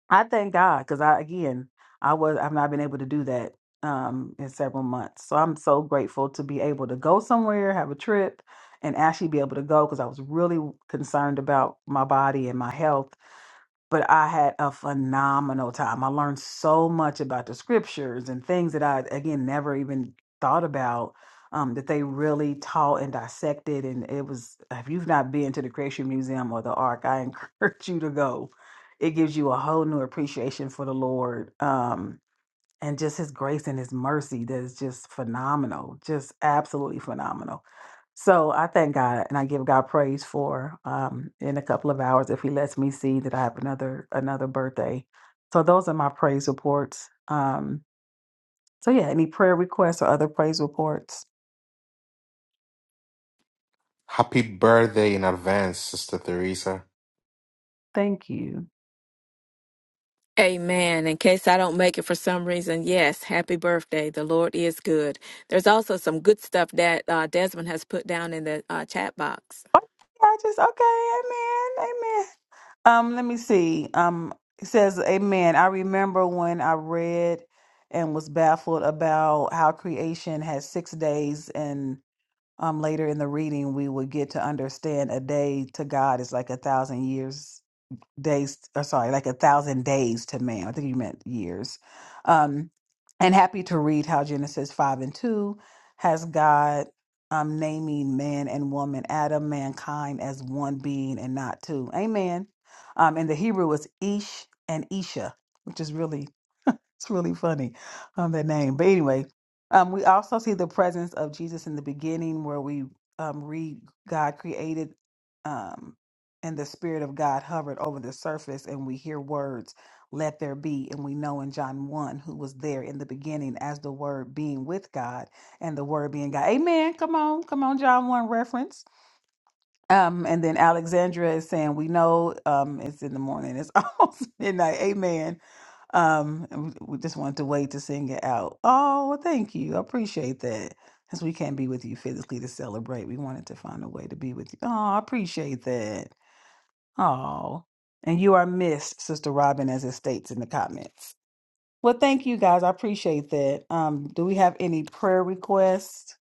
A: I thank God because I again I was I've not been able to do that um in several months. So I'm so grateful to be able to go somewhere, have a trip, and actually be able to go because I was really concerned about my body and my health but I had a phenomenal time. I learned so much about the scriptures and things that I, again, never even thought about. Um, that they really taught and dissected, and it was. If you've not been to the Creation Museum or the Ark, I encourage you to go. It gives you a whole new appreciation for the Lord, um, and just His grace and His mercy. That is just phenomenal, just absolutely phenomenal. So I thank God and I give God praise for um, in a couple of hours if He lets me see that I have another another birthday. So those are my praise reports. Um, so yeah, any prayer requests or other praise reports?
C: Happy birthday in advance, Sister Theresa.
A: Thank you.
B: Amen. In case I don't make it for some reason, yes, happy birthday. The Lord is good. There's also some good stuff that uh, Desmond has put down in the uh, chat box.
A: Oh, yeah, I just okay. Amen. Amen. Um, let me see. Um, it says Amen. I remember when I read and was baffled about how creation has six days and. um, later in the reading, we will get to understand a day to God is like a thousand years days or sorry like a thousand days to man i think you meant years um and happy to read how genesis 5 and 2 has god um naming man and woman adam mankind as one being and not two amen um in the hebrew it's ish and isha which is really it's really funny um that name but anyway um we also see the presence of jesus in the beginning where we um read god created um and the Spirit of God hovered over the surface, and we hear words, let there be. And we know in John 1 who was there in the beginning as the Word being with God and the Word being God. Amen. Come on, come on, John 1 reference. Um, and then Alexandra is saying, We know um, it's in the morning, it's almost midnight. Amen. Um, and we we just wanted to wait to sing it out. Oh, well, thank you. I appreciate that. Since we can't be with you physically to celebrate, we wanted to find a way to be with you. Oh, I appreciate that. Oh, and you are missed, Sister Robin, as it states in the comments. Well, thank you guys. I appreciate that. Um, do we have any prayer requests?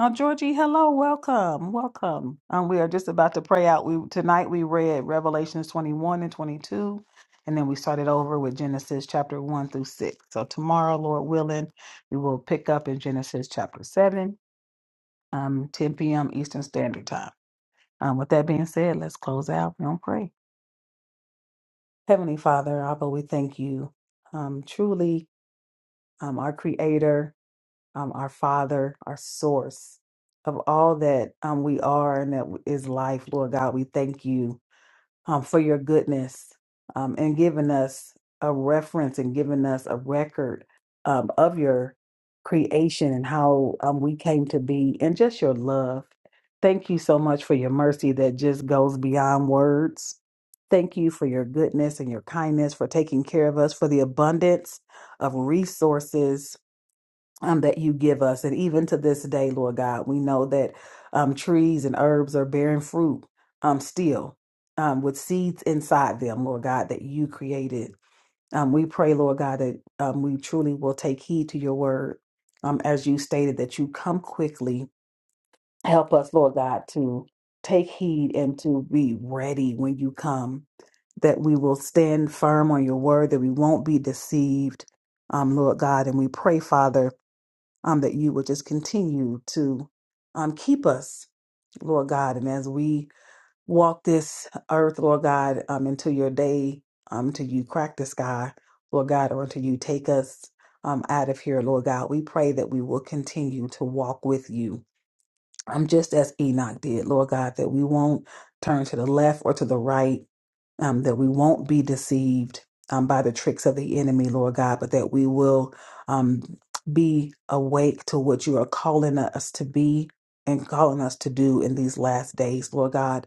A: Oh, Georgie, hello, welcome, welcome. Um, we are just about to pray out. We tonight we read Revelations twenty one and twenty two, and then we started over with Genesis chapter one through six. So tomorrow, Lord willing, we will pick up in Genesis chapter seven, um, ten p.m. Eastern Standard Time. Um, with that being said, let's close out and pray. Heavenly Father, Abba, we thank you. Um, truly, um, our Creator, um, our Father, our Source of all that um, we are and that is life, Lord God, we thank you um, for your goodness um, and giving us a reference and giving us a record um, of your creation and how um, we came to be and just your love. Thank you so much for your mercy that just goes beyond words. Thank you for your goodness and your kindness, for taking care of us, for the abundance of resources um, that you give us. And even to this day, Lord God, we know that um, trees and herbs are bearing fruit um, still um, with seeds inside them, Lord God, that you created. Um, we pray, Lord God, that um, we truly will take heed to your word. Um, as you stated, that you come quickly. Help us, Lord God, to take heed and to be ready when you come, that we will stand firm on your word, that we won't be deceived, um, Lord God. And we pray, Father, um, that you would just continue to um, keep us, Lord God. And as we walk this earth, Lord God, um, until your day, um, until you crack the sky, Lord God, or until you take us um, out of here, Lord God, we pray that we will continue to walk with you I'm just as Enoch did, Lord God, that we won't turn to the left or to the right, um, that we won't be deceived um, by the tricks of the enemy, Lord God, but that we will um, be awake to what you are calling us to be and calling us to do in these last days, Lord God.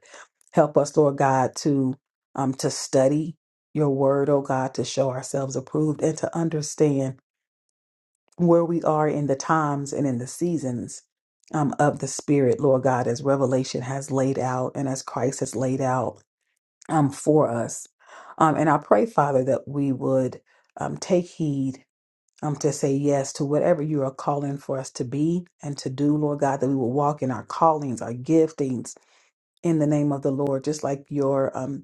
A: Help us, Lord God, to um, to study your word, oh God, to show ourselves approved and to understand where we are in the times and in the seasons um, of the Spirit, Lord God, as Revelation has laid out and as Christ has laid out um, for us. Um, and I pray, Father, that we would um, take heed um, to say yes to whatever you are calling for us to be and to do, Lord God, that we will walk in our callings, our giftings in the name of the Lord, just like your. Um,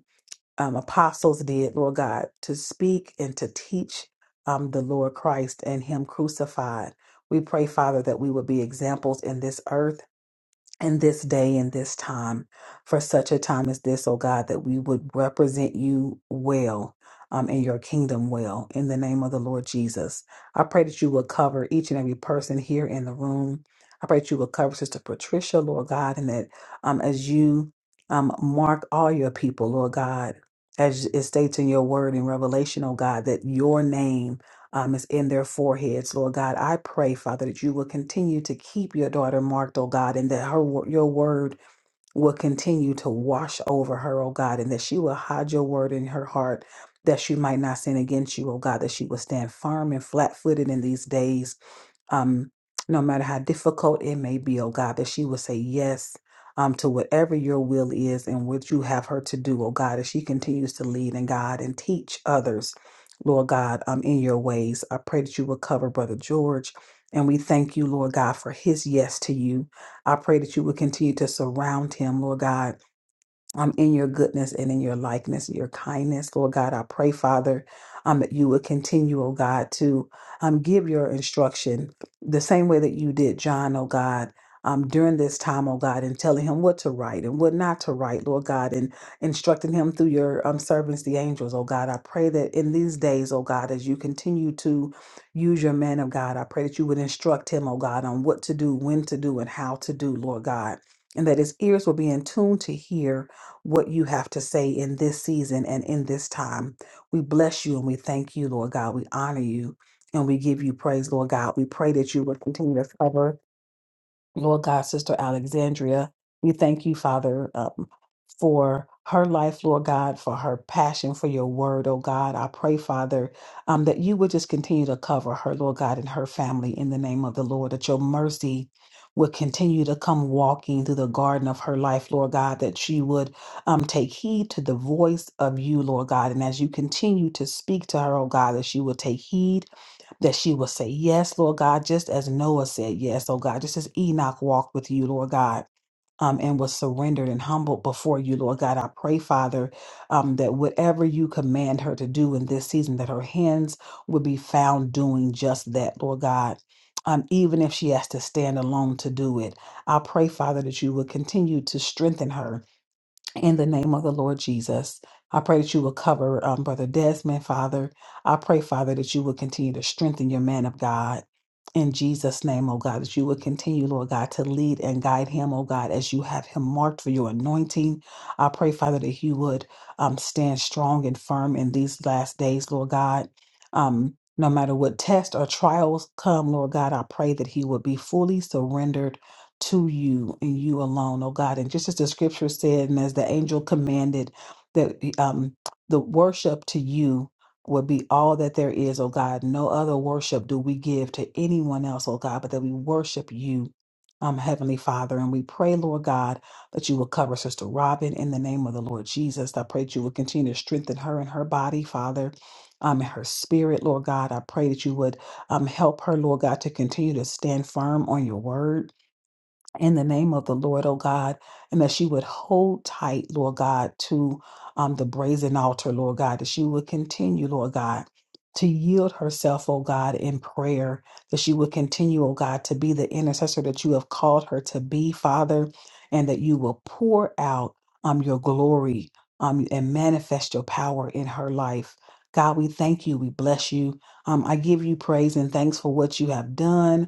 A: um, apostles did, Lord God, to speak and to teach um, the Lord Christ and Him crucified. We pray, Father, that we would be examples in this earth in this day and this time, for such a time as this, oh God, that we would represent you well um, and your kingdom well in the name of the Lord Jesus. I pray that you will cover each and every person here in the room. I pray that you will cover Sister Patricia, Lord God, and that um, as you um, mark all your people, Lord God, as it states in your word in Revelation, oh God, that your name um, is in their foreheads, Lord God. I pray, Father, that you will continue to keep your daughter marked, oh God, and that her wo- your word will continue to wash over her, oh God, and that she will hide your word in her heart, that she might not sin against you, oh God, that she will stand firm and flat footed in these days um, no matter how difficult it may be, oh God, that she will say yes um, to whatever your will is and what you have her to do, oh God, as she continues to lead and God and teach others, Lord God, um, in your ways. I pray that you will cover Brother George. And we thank you, Lord God, for his yes to you. I pray that you will continue to surround him, Lord God um, in your goodness and in your likeness, your kindness. Lord God, I pray, Father, um, that you would continue, oh God, to um, give your instruction the same way that you did John, oh God. Um, during this time, oh God, and telling him what to write and what not to write, Lord God, and instructing him through your um, servants, the angels, oh God. I pray that in these days, oh God, as you continue to use your man of God, I pray that you would instruct him, oh God, on what to do, when to do, and how to do, Lord God, and that his ears will be in tune to hear what you have to say in this season and in this time. We bless you and we thank you, Lord God. We honor you and we give you praise, Lord God. We pray that you would continue to cover. Lord God, Sister Alexandria, we thank you, Father, um, for her life, Lord God, for her passion for your word, oh God. I pray, Father, um, that you would just continue to cover her, Lord God, and her family in the name of the Lord, that your mercy would continue to come walking through the garden of her life, Lord God, that she would um, take heed to the voice of you, Lord God. And as you continue to speak to her, oh God, that she will take heed that she will say yes, Lord God, just as Noah said yes, oh God, just as Enoch walked with you, Lord God. Um, and was surrendered and humbled before you, Lord God. I pray, Father, um, that whatever you command her to do in this season, that her hands would be found doing just that, Lord God. Um, even if she has to stand alone to do it, I pray, Father, that you would continue to strengthen her in the name of the Lord Jesus. I pray that you will cover um, Brother Desmond, Father. I pray, Father, that you will continue to strengthen your man of God. In Jesus' name, oh God, that you will continue, Lord God, to lead and guide him, oh God, as you have him marked for your anointing. I pray, Father, that he would um, stand strong and firm in these last days, Lord God. Um, no matter what test or trials come, Lord God, I pray that he would be fully surrendered to you and you alone, oh God. And just as the scripture said, and as the angel commanded, that um, the worship to you would be all that there is, oh God. No other worship do we give to anyone else, oh God, but that we worship you. Um, Heavenly Father, and we pray, Lord God, that you will cover Sister Robin in the name of the Lord Jesus. I pray that you will continue to strengthen her and her body, Father, um, and her spirit, Lord God. I pray that you would um, help her, Lord God, to continue to stand firm on your word in the name of the Lord, oh God, and that she would hold tight, Lord God, to um, the brazen altar, Lord God, that she would continue, Lord God, to yield herself, oh God, in prayer, that she would continue, oh God, to be the intercessor that you have called her to be, Father, and that you will pour out um, your glory um, and manifest your power in her life. God, we thank you. We bless you. Um, I give you praise and thanks for what you have done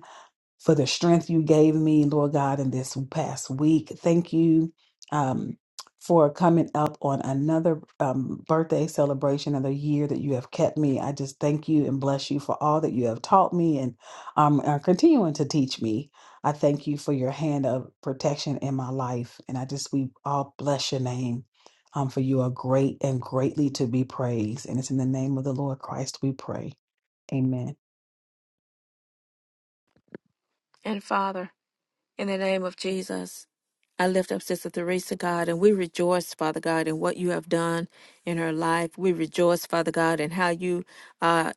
A: for the strength you gave me, Lord God, in this past week. Thank you um, for coming up on another um, birthday celebration of the year that you have kept me. I just thank you and bless you for all that you have taught me and um, are continuing to teach me. I thank you for your hand of protection in my life. And I just, we all bless your name. Um, for you are great and greatly to be praised. And it's in the name of the Lord Christ we pray. Amen.
B: And Father, in the name of Jesus. I lift up Sister Theresa, God, and we rejoice, Father God, in what you have done in her life. We rejoice, Father God, in how you uh,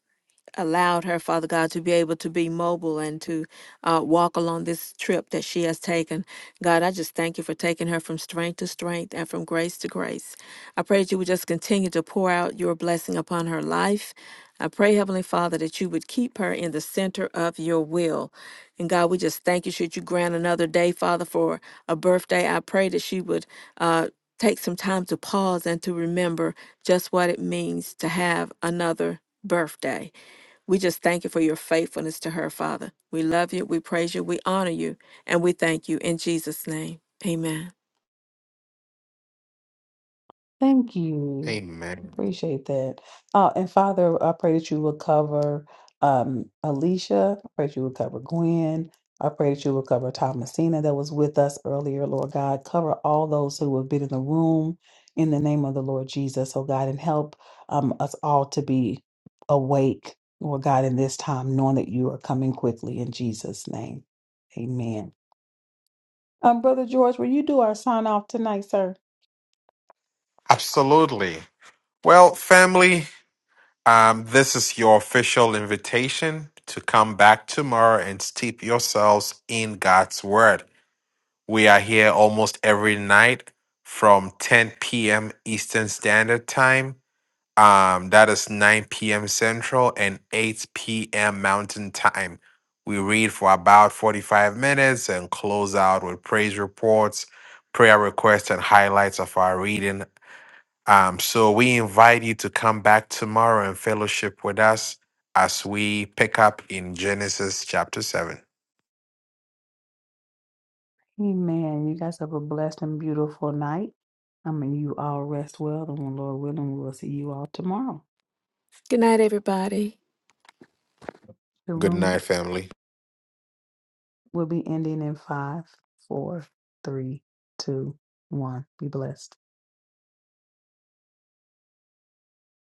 B: allowed her, Father God, to be able to be mobile and to uh, walk along this trip that she has taken. God, I just thank you for taking her from strength to strength and from grace to grace. I pray that you would just continue to pour out your blessing upon her life. I pray, Heavenly Father, that you would keep her in the center of your will. And God, we just thank you. Should you grant another day, Father, for a birthday, I pray that she would uh, take some time to pause and to remember just what it means to have another birthday. We just thank you for your faithfulness to her, Father. We love you, we praise you, we honor you, and we thank you in Jesus' name. Amen.
A: Thank you.
C: Amen.
A: Appreciate that. Uh, and Father, I pray that you will cover um, Alicia. I pray that you will cover Gwen. I pray that you will cover Thomasina that was with us earlier, Lord God. Cover all those who have been in the room in the name of the Lord Jesus, oh God, and help um, us all to be awake, Lord God, in this time, knowing that you are coming quickly in Jesus' name. Amen. Um, Brother George, will you do our sign off tonight, sir?
C: Absolutely. Well, family. Um, this is your official invitation to come back tomorrow and steep yourselves in God's Word. We are here almost every night from 10 p.m. Eastern Standard Time. Um, that is 9 p.m. Central and 8 p.m. Mountain Time. We read for about 45 minutes and close out with praise reports, prayer requests, and highlights of our reading um, so we invite you to come back tomorrow and fellowship with us as we pick up in Genesis chapter 7.
A: Amen. You guys have a blessed and beautiful night. I mean, you all rest well, and when Lord willing, we'll see you all tomorrow.
B: Good night, everybody.
A: The
C: Good
A: room
C: night, family.
A: will be ending in five, four, three, two, one. Be blessed.